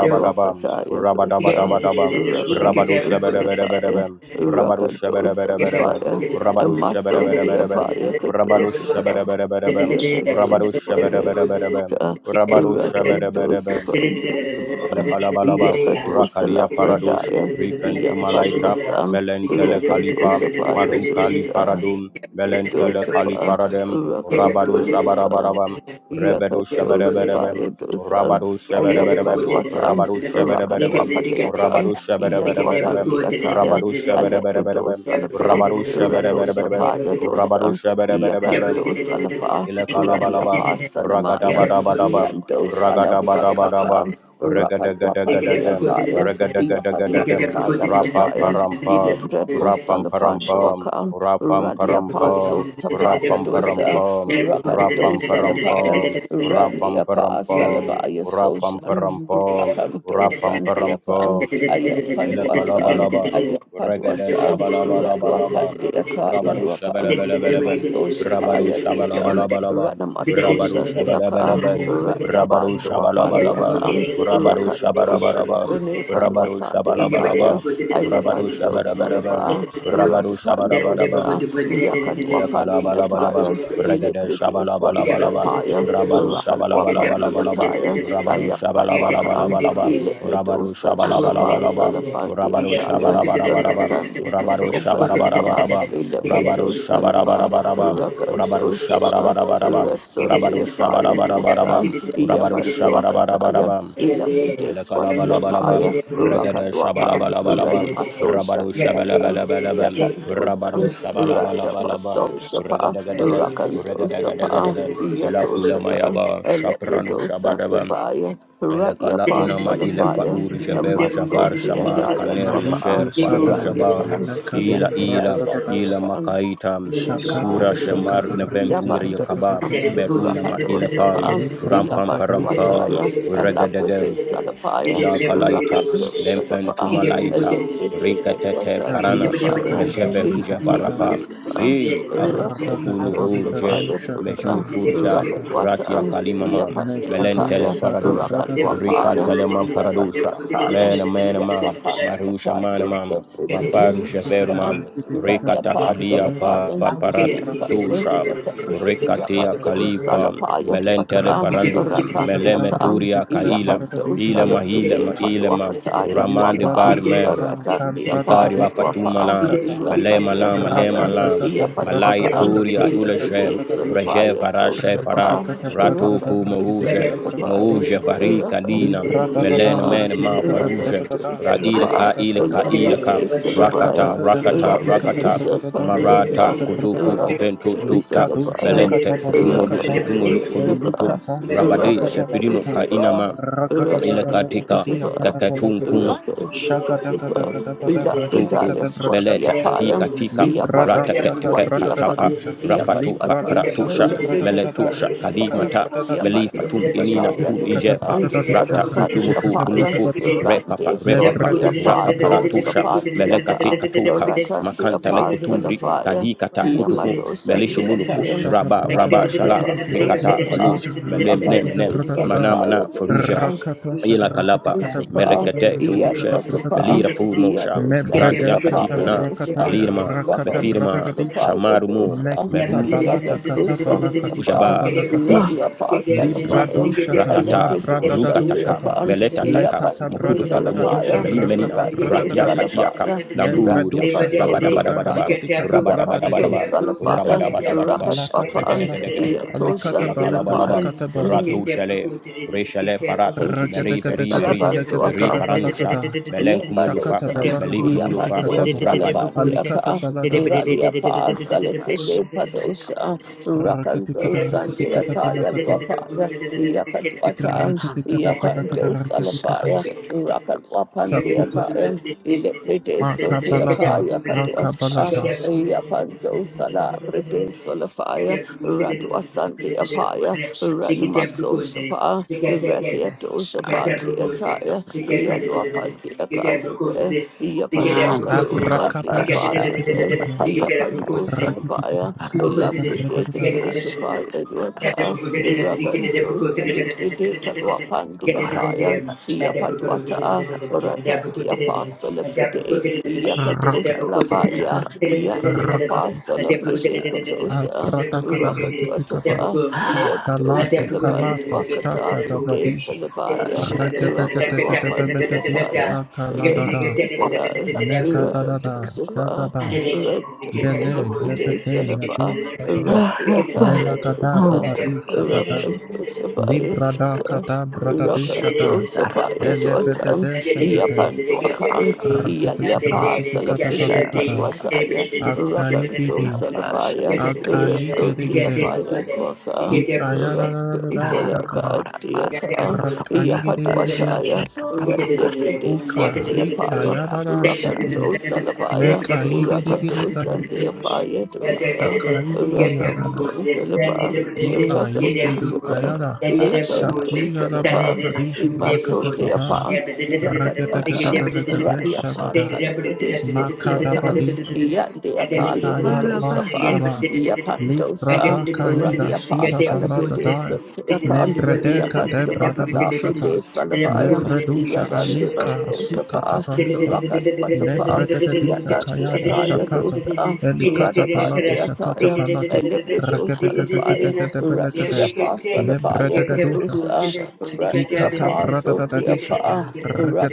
S3: do.
S1: dosa,
S3: Yeah.
S2: Rabadabadabadaba, Rabadu Shabarabarabaraba,
S1: Rakadosalapaya,
S2: Rabadu Shabarabarabaraba,
S1: Rakadosalafaya,
S2: Rabadu
S1: and
S2: Shabarabarabaraba,
S1: Masondiapaya
S2: Rabadu
S1: Kadosapa.
S2: Shabarabarabaraba, Rabadu Shabarabarabaraba,
S1: Rakata,
S2: Rabadu
S1: Rakadosa
S2: Shabarabarabaraba,
S1: Pandotapa,
S2: Elekalabalaba,
S1: Yakatosa
S2: Rakalia Paradosh,
S1: Lafradaya,
S2: Rifentumalaita,
S1: Yambadosa,
S2: Melentele Kalipa,
S1: Rakatosa
S2: Marukali
S1: Payadosa.
S2: Paradum, Melentele Kali
S1: Kadoshapa,
S2: Paradem, Rabado
S1: Rakadoshapa,
S2: Shabarabarabam, Rebedo
S1: Yakadoshapa,
S2: Shabereberebem,
S1: Yadosa,
S2: Rabado
S3: Thank
S2: Shabereberebem,
S1: Ayapatwatan,
S2: Rabado Shabereberebem, Rabado
S1: Rakadwapatlayatan,
S2: Shabereberebem,
S1: Yadwapandiataya,
S2: Rabado Shabereberebem,
S1: Aleprodosalafa,
S2: Rabado Shabereberebem,
S1: Radosapa,
S2: Rabado
S1: Yadosa,
S2: Shabereberebem,
S1: Yakadosalafa,
S2: Ilekalabalabam,
S1: Raliapa, Sanamaya,
S2: Ragadabadabadabam,
S1: Yandosalambadwaka,
S2: Ragadabadabadabam, Regadagadagadagam,
S1: Rakadwapandiataya,
S2: Regadagadagadagam,
S1: Yakadwapataya, Prataya,
S2: Rapaparampam, Rapamparampam,
S1: Ilindradosalafandwaka. Radia
S2: Rapamparampam,
S1: Paso Tapaya Dosa,
S2: Rapamparampam,
S1: Rakadosa Lapaya,
S2: Rapamparampam,
S1: Randia Pasa
S2: Rapamparampam,
S1: Labaya Soshan,
S2: Rapamparampam,
S1: Rapandosa and
S3: you.
S2: Rapamparampam,
S1: Diapan,
S2: Ila
S1: Ayapanduasan,
S2: kalabalaba, uragada
S1: Ayapaduasa,
S2: shabalabalabalaba,
S1: Raduapandia Taya
S2: urabaru
S1: Luapan, and
S2: shabalabalabalaba,
S1: Maso
S2: urabaru
S1: Shapaya Dosa,
S2: shabalabalabalaba,
S1: Radamaso
S2: urabaru
S1: Shandiaka,
S2: shabalabalaba, urabaru
S1: Randabando
S3: Thank
S2: shabalabalaba,
S1: Afaliatan,
S2: urabaru
S1: Rakadosa
S2: shabarabaraba,
S1: Librene
S2: urabaru
S1: Paluatan Diakaya.
S2: shabalabalaba, urabaru
S1: Ayapando
S2: shabarabaraba,
S1: Salaba,
S2: urabaru shabarabaraba,
S1: Ratapandosa,
S2: Elekalabalabalaban,
S1: Yakalwapandiataya,
S2: Regede Shabalabalabalabam,
S1: Ilipridiswatiapaya,
S2: Rabaru Shabalabalabalabam,
S1: Rakalwapandiataya,
S2: Rabaru
S1: Ayambadwakan,
S2: Shabalabalabalabam, Rabaru
S1: Ilipridosa, the
S2: Shabalabalabalabam, Rabaru
S1: Apasalafandiataya,
S2: Shabarabarabam,
S1: Ratandi
S2: Rabaru
S1: Katopaliapa,
S2: Shabarabarabam, Rabaru
S1: Ilipridosalapa,
S2: Shabarabarabam, Rabaru
S1: Rakantosapa,
S2: Shabarabarabam,
S1: Rasun de
S2: Rabaru
S1: Apaya Dosa,
S2: Shabarabarabam, Rabaru
S1: Yapando
S3: you.
S1: Akataya,
S2: Shabarabarabam,
S3: Yatele,
S1: Ilabride Swati
S3: nende buku
S2: Elekalabalabam,
S1: Apaya,
S3: tere bureja,
S2: Regada
S3: yate
S1: Rakadwapa,
S3: buku tere
S2: Shabalabalabalabam,
S3: tere,
S1: Ranimaso
S2: Rabadu
S3: yatele tere tere, yate
S1: Shandiata,
S3: buku tere
S2: Shabalabalabalabam,
S3: tere
S2: Rabadu
S1: Yakandosan,
S3: tere,
S2: Shabalabalabalabam,
S1: Randapaso Shapa,
S3: yate
S2: Regadagadaga,
S3: buku tere tere tere,
S1: Rakandosapa,
S2: Regadagadagadagam,
S1: Yato
S2: Ilakula
S1: Shata,
S2: Mayaba, Shapranu
S1: Eleprodosa
S2: Shabadabam,
S1: Devaya, Radia
S2: Elekala Unama Ilefa
S1: Pasolafaya,
S2: Urjaver
S1: Maso
S2: Javar Shamar
S1: Deataya
S2: Kaner
S1: Wapa,
S4: Maliku
S2: Neger Faru
S4: Sadai,
S2: Jabam,
S1: Raliapan,
S4: Nanakadi
S2: Ila Ila,
S1: Yandebasan
S4: Bradadada,
S2: Ila
S1: Deakan.
S2: Makaitam,
S3: yate buku
S2: Chukura
S4: Shakato,
S3: tere
S2: Shamar
S4: Shakata
S3: tere tere,
S4: Rakete
S2: Neventumir
S1: Yapandosa,
S2: Yakabam,
S3: Thank
S4: Katapalikata,
S2: Medunama Ilepam,
S1: Rakadosapa,
S4: Libra
S2: Rampam
S4: Dagadosa,
S2: Parampam,
S1: Yapanduataya, Alaprete
S2: Regadagam.
S1: Salapaya,
S2: Ilakalaita,
S1: Rakadosalapa,
S2: Lemfentumalaita,
S1: Electrite
S2: Rikatete
S1: Kadwata,
S4: Kadi
S2: Parana,
S1: Diapaya,
S4: Shakata
S2: Mejeveruja
S4: Rakete Kata,
S2: Varapa,
S1: Yakadosapa,
S2: He Akulu
S4: Radagabalikado
S2: Vurje,
S1: Rakadosapaya
S4: Shakata
S2: Mejur
S1: Dosa,
S4: Rakete
S2: Furja,
S4: Kata,
S2: Ratia
S1: Rakadwata,
S2: Kalimama,
S4: Mekado
S2: Melentele
S1: Yapandiataya,
S4: Shada
S2: Paradusha,
S4: Bradade,
S2: Rika
S1: Rakadwapaya,
S2: Telema Paradusha,
S1: Yapandakara,
S2: Mena Mena Mam,
S1: Yapandakara,
S2: Marusha
S1: Yapandiataya,
S2: Manamam, Mafaru
S4: Rakete
S3: you.
S4: Kata
S2: Jevermam,
S1: Yapandiataya,
S4: Rakete Kata
S2: Rika
S1: Rania
S3: Thank
S2: Takalia
S4: Brakadada,
S2: Pa
S1: Pasalapaya,
S4: Rakete Kata
S1: Ian
S4: Bradadi,
S2: Paparatusha.
S4: Shakata
S1: Basundiata,
S4: Rakete Kata
S2: Rikatia
S1: Yapando
S4: Bradadados,
S2: Kalifa,
S1: Salapaya to
S2: Melentele
S1: Ata,
S4: Rakete
S2: Parandum,
S4: Kata Bradadada,
S1: Ratandiata,
S4: Rakete
S2: Melemeturia
S4: Kata
S2: Kaila,
S1: Yapando
S4: Bradadadi, Shakata
S2: ilama
S4: Rakete
S2: ilama
S1: Salafridim
S4: Kata.
S2: ilama
S1: Paluakata,
S2: ramande
S4: Libra
S1: Yadwapa,
S2: barme
S4: dulcita cabrada da
S2: ikari
S1: Ratandiapaya,
S2: wa
S4: kabradadadija
S2: fatuma
S1: Dwapa,
S2: lam
S4: rakata
S2: malema lam malema
S1: Yapadiataya,
S4: rakata
S2: lam
S4: kata brada da
S2: malai
S4: da
S1: Yapatuaka,
S2: turia
S4: rakiti kata
S2: uleshe
S1: Ilepride
S4: brada da bradadadisha
S2: reje
S1: Salapaya,
S2: varashe fara
S4: rakiti
S1: Sosapa,
S4: kata
S2: ratu
S4: bradadada
S2: ku
S1: Rapado
S4: rakiti
S2: mouje
S4: kata
S1: Salapaya,
S2: mouje
S4: bradadadisha
S2: vari kalina
S1: Rapado
S4: Libra da da da
S2: melen
S1: Salapa,
S2: men
S4: rakiti
S2: ma
S4: kata
S2: faruje
S4: brata da
S1: Rapado
S4: da
S2: ra
S4: rakiti
S1: Salapa,
S2: ilka
S4: kata brata
S2: ilka
S4: da di
S2: ilka
S1: Ilepride
S4: shakata
S2: rakata
S1: Salapaya.
S4: kata
S2: rakata
S4: rakiti kata
S2: rakata
S4: brata
S1: Rakadosha
S4: da brada da rakiti
S2: marata
S1: Padosha,
S4: kata brata da
S2: kutuku
S3: you.
S4: da
S2: ketentu
S1: Rakadosha
S2: tuta
S4: likado
S1: Gabaya,
S3: Thank
S2: melente
S4: shakata balia
S2: kutumulu
S4: kata
S2: kutumulu
S1: Rakadosha
S2: kudufutu
S1: Gaba,
S4: likata
S2: rabade
S4: da bala
S2: shepirinu
S4: kata
S2: ka
S1: Rakadosha
S2: inama
S1: Ba,
S4: rakata
S2: ile
S4: kata da
S2: katika
S1: Rakadosha
S4: kadia
S1: Ba,
S4: kata bala da
S2: kaketunkum
S4: da
S1: Rakadosha
S4: kata
S1: Ba,
S4: kata bala rakiti
S2: tuku
S1: Lafredaya
S4: kata brata da
S1: Swati
S2: melete
S4: di
S1: Apaya,
S2: katika tika
S4: Libra da
S1: Yapado
S4: shata
S2: rateketeke
S4: brata
S1: Swati
S4: da da
S2: katapa
S1: Apam,
S4: disha.
S5: Yeah.
S2: rapatu
S4: Libra do
S1: Yapatwata,
S4: shata
S2: papratusha
S4: brata da da da
S1: Lafredosa
S2: meletusha
S4: rekete kata
S1: Apam,
S2: kalimata
S4: brata da disha.
S2: melifatum
S1: Yapadosa
S2: inina
S1: Taya
S4: Rekete
S2: kul
S4: kata
S2: ijefa
S4: brata
S1: Dosam,
S4: da disha.
S2: rata
S1: Ratati
S4: Rekete
S2: kulumufu
S4: kata
S1: Apaya,
S4: brata da
S2: kulufu
S4: disha.
S2: repapa
S1: Rande So
S4: Libra
S2: repapa
S4: da shata
S1: Deapalo
S4: brata da
S2: rapaparatusha
S1: Sapandiaka.
S2: melekatika tuka
S1: Ratan the
S2: makanta
S1: Apostle of
S2: lekutumbri
S3: you.
S1: Fire,
S2: kadikata
S3: Get
S2: kutumu
S1: Yamadosan the
S4: da
S2: melishumulufu
S1: Italian,
S4: shata
S2: raba
S4: brata
S2: raba
S1: Raban
S4: da
S1: the
S2: shala
S4: rekete kata
S2: rikata
S4: brata da
S2: kalum
S1: Hostosapa,
S4: disha.
S2: mele
S4: Rekete
S2: mene
S1: Rapan
S4: kata
S2: mene
S4: brata da
S1: Dosan the
S2: mana
S4: da
S2: mana
S1: Fire
S2: furuja
S1: Dosan,
S4: rakata shata
S2: ila
S4: rekete
S2: kalapa
S4: kata brata da
S1: Dosapa,
S4: da
S2: merekete
S4: rekete kata
S2: turushe
S4: brata da
S1: Yadwatapa,
S2: melira
S4: disha.
S2: fu mosha
S4: Mebra
S1: Yadosan the
S2: ranti
S4: da shata
S2: yakatika
S1: Apaya
S2: na
S4: brakata
S1: Dosan,
S4: ya
S2: melirma
S4: rakata
S1: Rapan
S4: brata da
S2: mefirma
S4: disha.
S1: Dosapa
S2: shamarumu
S1: Dosan,
S3: them
S4: Mekuta
S3: did
S4: balata kata
S1: Yakadosan the
S3: it
S4: balakati kata
S1: Apa,
S2: merujaba
S3: Get up,
S4: balakata.
S3: get
S5: Oh,
S1: Radia
S3: up, get
S1: Apostle of
S4: Libra
S1: Fire,
S5: take up
S3: up
S1: I
S4: dushata,
S3: to good.
S2: ratata
S4: labra da da
S1: Electrodosan the
S2: rukataka
S4: dushata,
S1: Apan,
S2: meletataka
S1: Yapan
S4: lekata
S2: mkudu
S4: brata da da da
S2: futumu
S4: disha,
S1: Dosalapaya,
S2: melina menina
S4: rakata brata
S1: Rando
S4: da da
S2: ratia
S4: disha,
S2: katiaka
S1: Salapaya,
S4: lebra
S2: lamburia
S3: They but
S4: dushata
S3: the
S4: brata
S3: day,
S4: da
S2: rabadabadabadaba
S1: Rakibasodiataya,
S4: rikiti kata
S3: Zikatabru,
S4: brata de
S1: Yapando
S4: di,
S2: rabadabadabadaba
S3: Zikatabru,
S1: Salafaya,
S4: lekata,
S3: Zikatabru,
S2: rabadabadabadaba
S1: Rakat
S5: shut
S4: lakata
S1: Wapan,
S5: take up,
S4: balata,
S2: regedegedege
S3: Dikatabru,
S1: Yatosha
S4: alikata balita,
S2: Ilakalabalabam,
S1: Beapan.
S4: shakata balata,
S2: Ratu Shale, Reshale Farat,
S1: Thank you,
S3: Dikatabru,
S4: rakete
S2: Mary,
S4: kete
S1: Jesus.
S2: Mary,
S5: shut
S4: kete
S2: Mary.
S3: Dikatabru,
S5: take
S1: Salabando
S4: belekete
S5: up,
S2: Mary
S1: Afa.
S4: kata
S2: Paranusha,
S4: balakada,
S3: Dikatabru,
S2: Melenkumulufa,
S4: shakata
S1: Limbadosa,
S3: Deborah
S4: balata,
S2: Melik
S4: rikiti
S2: Mulufa,
S1: Yapando
S4: kataba,
S2: Rabad
S4: alikata
S1: Salabandiaka,
S4: balata, rikiti,
S1: Ralia
S5: shut
S1: Pass,
S5: uh,
S1: Salifide
S5: take up, uh,
S1: Padosa,
S4: rakete kata
S1: Rakandosa,
S4: rikiti kata
S1: Diataya
S4: balakata,
S1: Wapaya, Yakatuata,
S5: um,
S4: ikrakete kata balakata,
S1: Yapando
S4: rikiti kata,
S1: Salafaya,
S5: take up,
S1: Rakan
S4: shakuta.
S1: Wapandiataya, Ilipide Sotiaka,
S4: Makabalata,
S1: Yakatuasa.
S4: Makabalata,
S5: Jesus,
S1: Yapando Sala Bride Solafaya, Radwa Santi Apaya,
S5: Jesus,
S1: Ranmaso Shapa, Rekia
S5: shut
S1: Dosha Yaluapan de Acasite,
S5: Shall
S1: Yapaduakadosa de
S4: Abrakapata,
S1: Apashite,
S4: Rakipitata,
S3: Get
S1: Yapandosa
S4: Rakipitata,
S1: Baya,
S3: Deborah
S4: Rakipitata,
S1: Lafridicatosapa, Edwata, Ragandosa de Pridicaduapan de Ataya, Yapaduata, Rata de Apostle Fride,
S4: Rakapita,
S1: Yakatosa Labaya, Yan de
S4: Rakatu,
S1: Apostle Pridicadosa,
S4: Abratakata, Rakipitata,
S1: Rakaduatapa, Yedosa
S4: Kalati, Kalata,
S1: Labantuakata,
S4: Shaka da
S1: Fride
S4: Badisa,
S1: Salabaya. Rapalua
S4: Rakatakatakatabakadisa,
S1: Pandiataya,
S4: Akaladada,
S1: Ventusera,
S4: Megadada,
S1: Rakatosifa,
S4: Shagada, Bele, Yabede,
S1: Rentusilifide Senefa,
S4: Yadu,
S1: Randiataya
S4: Melakada,
S1: Dosa,
S4: Baladu, Shagada,
S1: Rakatosifaya
S4: Libra da
S1: Dosa.
S4: Kada,
S5: Take
S4: Bratadishada,
S1: Rakatosifaya Dosa,
S4: Elebedede şekede.
S1: Yapanduakan,
S4: Rakete kede
S1: Yaliapa
S4: rakete kata
S1: Salafride
S4: balikada.
S1: Paluataya,
S4: Akayi gede.
S1: Rakatosalapaya,
S5: Shut
S4: Akayi gede gede.
S1: Resundiapaya Dwaka,
S4: Likaya da da da
S5: Ah, Gora
S1: Rakatosalapadiaka.
S5: Mantica Papa
S4: gede gede gede
S1: Yapadwataya,
S5: Shantica Papa
S1: Rasifride
S4: Uka
S1: Swatiapaya,
S3: Get
S4: ikaya
S5: Gora
S4: da da
S3: Thank
S5: Shantica
S4: şekede.
S1: Rakanto Salabaya,
S4: Mekayi
S5: Santica
S4: gede
S5: Papa
S1: Rakato
S4: kada.
S1: Sandiapaya Dosa,
S4: Şakayi gede yagada.
S1: Rakato Salaba,
S4: Likayi
S1: Rakato
S4: gede
S1: Sapa,
S4: ayada.
S5: Gora
S1: Yakato
S5: Shantica
S4: Shakuya da
S5: Papa
S1: Salaba,
S4: balakadish
S1: Imaso
S4: rakata pata.
S1: Deapa,
S4: Rakata kata
S1: Yakadwata,
S4: balakada
S5: Shantica Papa
S1: Radiapa
S4: şakada.
S1: Salafride
S4: Makada
S1: Swatiatan,
S4: badis
S1: Yandiapa
S4: Ikayara
S5: Gora
S1: Libredosa
S5: Papa
S1: Fan,
S4: Mashudara,
S5: Shantica
S1: Yapandosa,
S4: Librada Kaida
S1: Radiapa
S4: Suta Balada
S1: Salabride
S4: Daya,
S1: Sotiakan,
S4: Nebredeka
S1: Yapando Akadaka de
S4: Debradadushata,
S1: Salabaya,
S4: Lebredusha
S1: Yadan de
S4: Alika
S5: Papa
S3: you.
S4: Sukata
S1: Vasosapa,
S3: Thank
S4: Balita,
S1: Rakat Watapa,
S4: Lebrededita
S1: Yatan de
S4: Kayada
S5: Shantica
S1: Ataya
S4: Shakata,
S1: dosa,
S4: Elikata
S1: Radapan
S4: Palata
S1: de
S4: Shakata
S5: Santica
S1: Ataya,
S4: Palata,
S1: Elepido
S5: Nam
S1: Salafaya,
S5: Gora
S1: Ran de
S5: Shantica
S1: Apasalabaya
S4: Regedegedegedegedebelegede,
S5: Papa
S1: Kadosa,
S5: Shantica
S1: Ran de
S4: Ikata
S1: Apostle de
S4: bradadadadisha.
S1: Apa,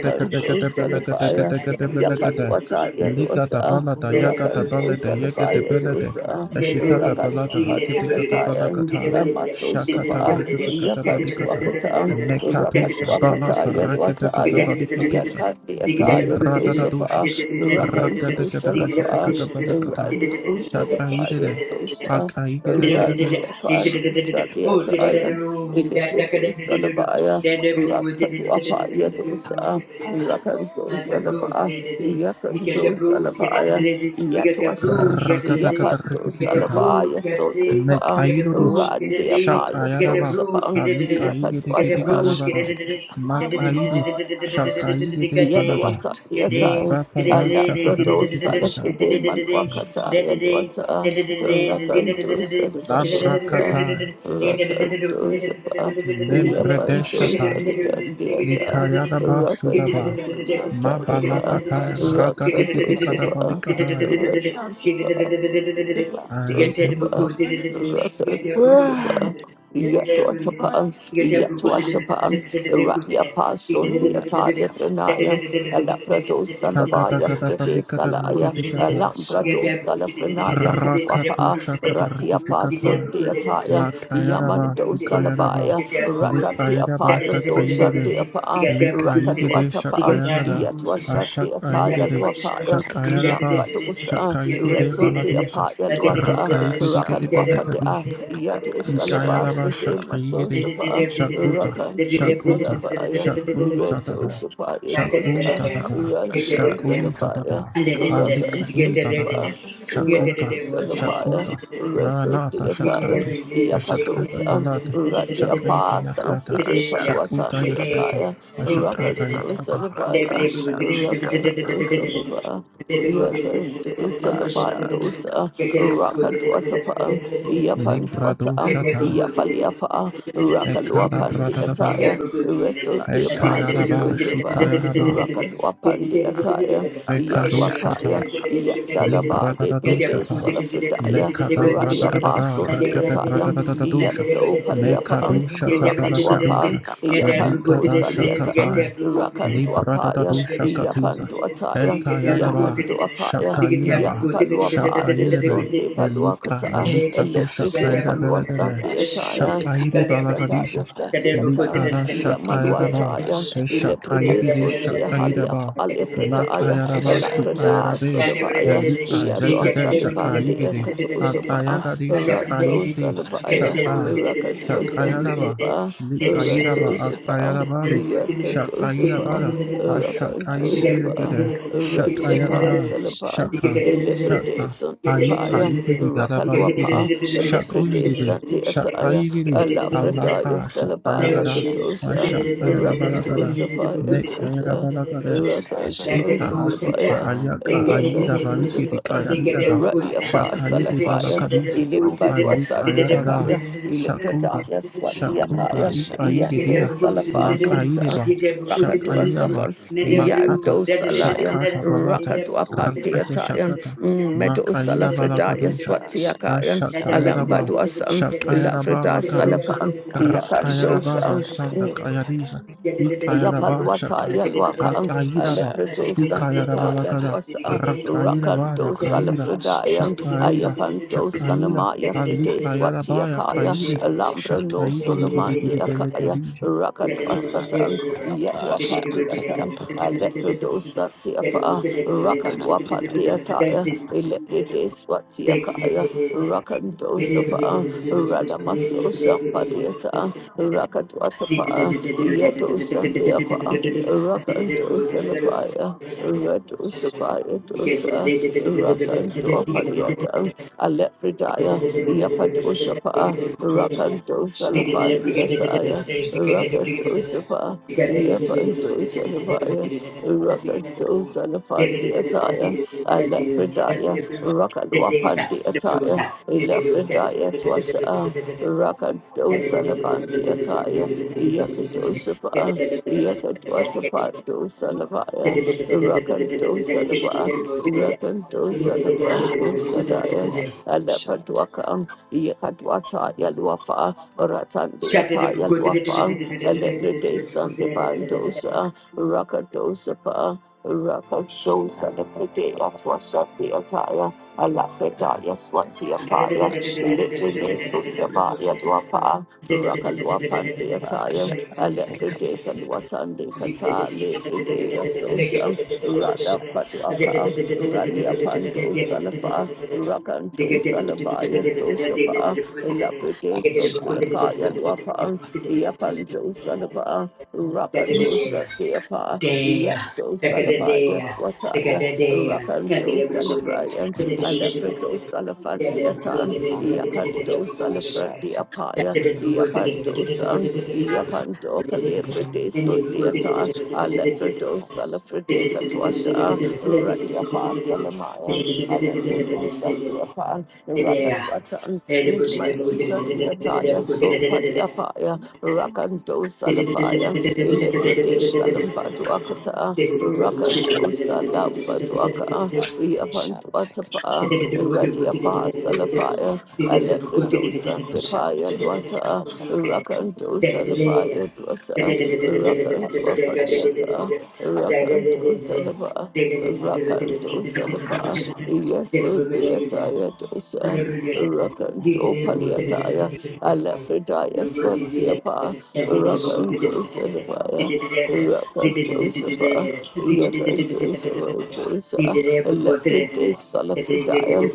S5: Papa
S1: Salabaya.
S5: Shantica
S1: Yapatwata
S3: you.
S4: Likata
S1: Yadosa,
S3: Oh,
S4: balata yakata
S1: Rakanto
S4: balata yakata
S1: Salafaya
S4: belata.
S1: Dosa,
S4: Ashikata balata rakatakata
S1: Rakanwapataya,
S4: balakata. Shakata
S1: Amasosapa,
S4: rakatakata balikata.
S1: Yapatuapatan,
S4: Mekatusha balata
S1: Rakatuapataya,
S4: rakatakata
S1: Wataya,
S4: balikatusha.
S1: Yatatiataya,
S4: Libradadadusha.
S1: Sosapa, Rakanto
S4: Rakatakata
S1: Salafa,
S4: rakatakata balikata.
S1: Randu Sadapaya,
S4: Shataidede.
S1: Sosa,
S4: Akaidede.
S1: Randu Apatu Sadiataya, Ilifide Salabaya, Rakatuapaya Dosa, Rakanto
S3: Get your bruise,
S1: Salapa,
S3: get your
S1: Yakanto
S3: bruise, get it,
S1: Salabaya,
S3: you get your bruise,
S1: Yatuasan,
S3: get it, you
S4: Rakatakata
S1: Yapanto
S3: get your
S4: rakatakata.
S1: Salabaya,
S3: bruise, get it,
S4: Make
S3: you
S1: Sondipa.
S3: get
S4: I
S3: your
S4: do
S3: bruise, get it, you get your bruise, get it,
S1: Randy
S3: you
S1: Apollo
S3: get your
S4: Shakayaraba,
S3: bruise,
S1: Soshapan,
S3: get it,
S4: Alikaide
S3: get your
S4: Kiri
S1: Yapadwatapan,
S3: bruise, get
S4: Karabada,
S1: I will
S4: Makaidu,
S1: go in
S5: Shut
S1: prayer.
S4: Shakaide
S1: Yet the
S4: Balada,
S1: water the attire, a
S4: Librapada Shakada
S1: labrador
S4: Kitikata,
S1: salafide malwakata, yet water, rakantos, elevatos,
S4: Labrakata,
S1: rakantos,
S3: it,
S1: yapantos,
S4: Nebredeshata,
S1: elegandiata,
S3: get
S4: Ikayaraba
S3: Get
S4: Sudaba,
S1: rakantos, yapa,
S4: Mabalakata,
S1: rakatos, yapa,
S4: Ragadikitikadabalikata,
S1: rakantos, yapa, rakantos, yapa, rakantos, yapa, yet water, yet Radia Pasun, the Atali Pranaya,
S3: it,
S1: Alabrado Sandabaya Frede
S4: Shakadakadabalikata
S1: Salaya,
S3: Thank
S4: Kitikata,
S1: Alambrado Salafrenaya
S5: Shall take up
S4: Rakatu
S5: a
S1: Katwapa,
S5: shall
S1: Ratia Pasun,
S4: Shakadar
S1: the Ataya,
S4: Makayaraba
S1: Yamando
S4: Shikayaraba
S1: Salabaya,
S4: Lake
S1: Rata the
S4: Ayadaba
S1: Apala Sosha,
S4: Shakayigede
S1: the Apa,
S4: Lake
S1: Rakadu
S4: Ayigede
S1: Atapan,
S4: Shakayagada
S1: Yatwasha, the Ataya
S4: Ashakayigede
S1: Luapaya,
S4: Shakayaraba
S1: Yambadosa,
S4: Shakayigede
S1: Reso, the
S4: Balabisha
S1: Apaya Luata, Rakadu
S5: take
S1: Apada,
S4: Rakayigede
S1: Yadu Salaba,
S4: Ikayaraba
S1: Frede
S4: Shakayiri
S1: Masosaba.
S4: Shakuta
S1: Rakanto
S4: Shakuta
S1: Salabaya,
S4: Shakuta
S1: Reto
S4: Tata
S1: Sapaya Dosa,
S4: Shakuta Tata
S1: Rato
S3: you.
S4: Shakuta
S1: Salabaya,
S4: Tata
S1: Rakanto
S4: Alikadu Tata
S1: Sapa, Reto
S4: Shakuta
S1: Salabaya,
S4: Shakuta
S1: Reso
S4: Maranata
S1: Deataya,
S4: Shakatu Shakata
S1: Yapadosa,
S4: Palate
S1: Radia
S4: Shakretu Yakata
S1: Pa, J.
S4: Shakuta
S1: Paluatan de
S4: Yakata
S1: Akaya, Rakan
S4: Ashakata
S1: to
S4: Yakata
S1: Salabaya, Rakan to Salaba, Yakan to Salabandosa, Rakan to Atapan, Yapan to
S3: Get
S4: Librado
S1: Atan,
S4: Shata
S1: Yafaliapa,
S4: Ekada
S1: Rakaluapan de
S4: Bradada
S1: Ataya, Wrestle the
S4: Ekada
S1: Apollo
S5: up
S4: Daba
S1: Sundiva,
S4: Shukayaraba
S1: Rocket Wapan the Attire, Yet
S4: Mekado Shata
S1: Wapaya, Yet
S4: Le
S1: Dadaba,
S4: brada da
S1: Libre
S4: dusha
S1: de
S4: ta, Le
S1: Solafritaya,
S4: kada
S1: Rally
S4: brada brada da da da
S1: Apasun the
S4: Rakada brada
S1: Attire,
S4: da da da dusha,
S1: Yet Do
S4: Me
S1: Paliapan,
S4: kadushata
S1: Rocket Wapan,
S4: balakadusha. Le
S1: Yapando
S4: kada
S1: Saliatan,
S4: shatataya. Le
S1: Rakando
S3: Get
S4: brada da
S1: Apaya,
S4: bradadadusha katiza.
S1: Yapando Attire,
S3: Thank
S4: Ekayadaba.
S1: Yakando Apaya,
S4: Shakayidaba.
S1: Yampaluapa de
S4: Shakayidabe.
S1: Sunday
S4: Elika
S1: Paluakata,
S4: alika tu
S5: Eticas
S1: Lefride
S5: and
S4: shakayadabe
S1: Palua
S4: legade.
S1: Sunday
S5: Corabasha
S1: Attire,
S5: take up
S4: Shakayidi
S5: a papa,
S4: balakadisha.
S1: Electrataya
S5: the
S1: Sunday
S4: Likada
S5: Parama
S4: shakayadaba.
S1: Yamaluataya,
S5: Corabasha take up
S1: Ileprede
S4: Shakayidi
S1: Sundia
S3: you.
S1: Halia
S4: shakayidaba.
S3: Thank
S5: a
S1: Falibradaya,
S4: Lakayadaba
S5: pasha take
S1: Alakrada
S4: shukayadabe.
S5: us some
S1: Sodabaya,
S4: Elika
S5: shot.
S1: Yadua
S4: Zagada Shaka
S1: Salibandia
S4: Yigidi
S1: Katosapa,
S4: Antayagadi
S5: Take up
S4: Shaka
S5: a
S1: Rado
S4: Yigidi
S1: Salabaya,
S5: papa,
S4: Shaka
S1: Rakadua
S4: Shakayadaba
S1: Sandiapa,
S5: Shut
S4: Nikayidaba
S5: take up a
S1: Ratosapa,
S4: Antayadabalu
S1: Yakadosapa,
S4: Shakayidabada
S5: pasha
S1: Rakadosapa.
S5: or
S4: Ashakayidibiligada
S5: shut
S1: Radiapa
S4: Shakayadada
S1: Salaba,
S4: Shaka
S1: Eleprede
S4: Shaka Aita
S1: Sundiapaya,
S4: Yidibigadabali
S1: Rakaluapa,
S5: shut
S4: Shaku
S5: it
S1: Eleprede
S5: up.
S4: Yigidi Shaka
S1: Sandiataya,
S4: Yigidi
S3: you.
S1: Alafradaya
S4: Alaka
S1: Salabaya
S3: Thank
S4: Shakayagada
S5: Corabasha
S1: Kadosha,
S5: papa,
S4: Ashakayadabalagada
S1: Rakadosa Paya Dosa,
S4: Mekayadabalagada
S5: Parabasha
S1: Rakadosa
S4: Ika Ika
S5: take
S1: Labaya,
S5: up a
S4: Ayaka
S5: papa,
S4: Aida
S1: Yakadosa
S4: Bariki
S5: the
S1: Pa,
S4: Dikayarida
S1: Radia
S5: Manda
S1: Pa
S4: Shakaide
S1: Salafaya
S5: Corabasha
S4: Balakadisha
S5: take.
S1: ilim badwa sadli
S4: Alikayada
S1: akaya ilim
S4: Shakuda
S1: pradaya swati
S4: Shakuda
S1: akaya
S5: Korabasha
S3: you. Get
S5: teka
S1: yando
S4: Ikaigedia
S5: basato
S1: salafado sa
S4: Makaideba
S5: shate
S1: rakadu
S4: Shakaidaba
S1: asafan
S4: Makata
S1: yando
S5: korabasha
S1: salaya
S4: Shakata
S5: teka
S4: Balata
S1: rakadu apandi
S4: Rakata
S1: ataya
S4: Shakata
S1: medo
S4: Makaida
S1: salafredaya
S4: Balakadusha
S1: swati
S5: babasha
S1: akaya
S5: teka babasha teka babasha
S4: Ashakayadaba
S1: alambadu asan
S4: Shakayadaba
S1: ilafreda
S4: Lakadusa
S1: salapan yakando
S4: Rakayadabana
S1: sa
S5: teka
S4: Sanda
S5: babasha teka babasha
S4: Kayadisa Ikayadaba
S1: Yapalwata
S4: Shaka
S1: Yalwaka um,
S4: Akaidaba
S1: Alepredo
S5: teka babasha teka
S4: Shukayada
S1: Sandipa
S4: Balakada,
S1: Yadwasa
S4: Rakaida Bada
S1: Rakanto
S4: Kaida,
S1: Salafredaya
S4: Shakaida,
S1: Ayapanto
S4: Shakaida,
S1: Sanamaya Fride
S4: Alukayada Baya
S1: Swatiakaya
S4: Kaidi,
S5: korabasha teka
S1: Alambra no
S4: Shakaidi Gidi Gidi
S5: babasha
S1: Solomandiakaya
S4: Belakadija,
S3: Thank
S5: ramato
S1: Rakatwasatan
S5: korabasha teka
S1: Yadwapandiatan
S5: babasha
S1: Alepredo Santiapa
S5: teka
S1: Rakalwapandiataya Elepride Swatiakaya
S5: babasha
S1: Rakandosapa, Ranamaso Shampadiata, Rakadwatapa, Yadosandiapa, Rakandosalapaya, Radosapaya dosa, Rakandopadiata, Alefridaya,
S3: Thank
S1: Yapadosapa,
S5: Shut.
S1: Rakandosalaphandiataya, Rakandosapa, Yapandosalapaya, Rakandosalapandiataya, Alefridaya. Rakalwapandi Ataya, Elafredaya Twasa, Rakadosalabandi Akaya, Yakadosapa, Yakadwatapando Salabaya, Rakadosalaba,
S5: Ah,
S1: Rakadosalabando
S5: mother
S1: Sadaya,
S5: crap.
S1: Alapadwaka, Yakadwata Yalwafa, Ratandi Ataya Lwafa, Alepredesan de Bandosa, Rakadosapa, Rakadosa the Prede Atwasa the Ataya. Alafredaya Swatiapaya,
S5: I'm Shut. Shut.
S1: Elikene Sundabaya Dwapa,
S5: Take a
S1: Rakalwapandiataya,
S5: Shut. Take
S1: Alefredeka Luatandikata, Lepredea Sosha,
S5: a
S1: Rada
S5: Shut. Take
S1: Padwaka, Ralia Pando Salafa, Rakanto Salabaya Sosapa, Laprede
S5: a shot. Take
S1: Sundiakaya
S5: a shot.
S1: Luapa, Yapando Salapa, Rakato
S3: Shut
S1: Sandiapa,
S3: day,
S1: Yato
S3: take a
S1: Salabaya
S3: day, take a
S1: Swataya,
S3: day, take
S1: Rakanto Salabaya,
S5: Take a shot.
S1: Alepado Salafandiatan,
S5: Oh, the God
S1: Yakando
S5: of shut
S1: Salafrandiapaya,
S5: us.
S1: Yapando San, Yapando Calebrade Sundiata, Alepado Salafrade Katwasha,
S3: a
S1: Radiapa Salamayan, Alepado
S5: Oh,
S1: Sandiapan,
S5: the God
S1: Rakadwatan,
S5: of shut
S1: Madon Sandiataya, Sopadiapaya, Rakando Salafayan,
S3: day, take
S1: Ilebrade Salambaduakata,
S3: Thank
S1: Rakando Salambaduaka. Yapan
S5: shut take
S1: Dwatapa, Radia Salafaya, Alepredo
S5: shut
S1: Santepaya Dwata, Rakanto Salapaya Dwasa, Rakanto Apadiata, Rakanto Salapa, Rakanto Salapa, Yeso
S3: you.
S1: Deataya
S3: Zidere
S1: Dosa. Rakanto Paliataya, Alafredaya Swantiapa, Rakanto Salapaya, Rakanto Sapa, Yakanto Savadosa, Leprede Solafridaya,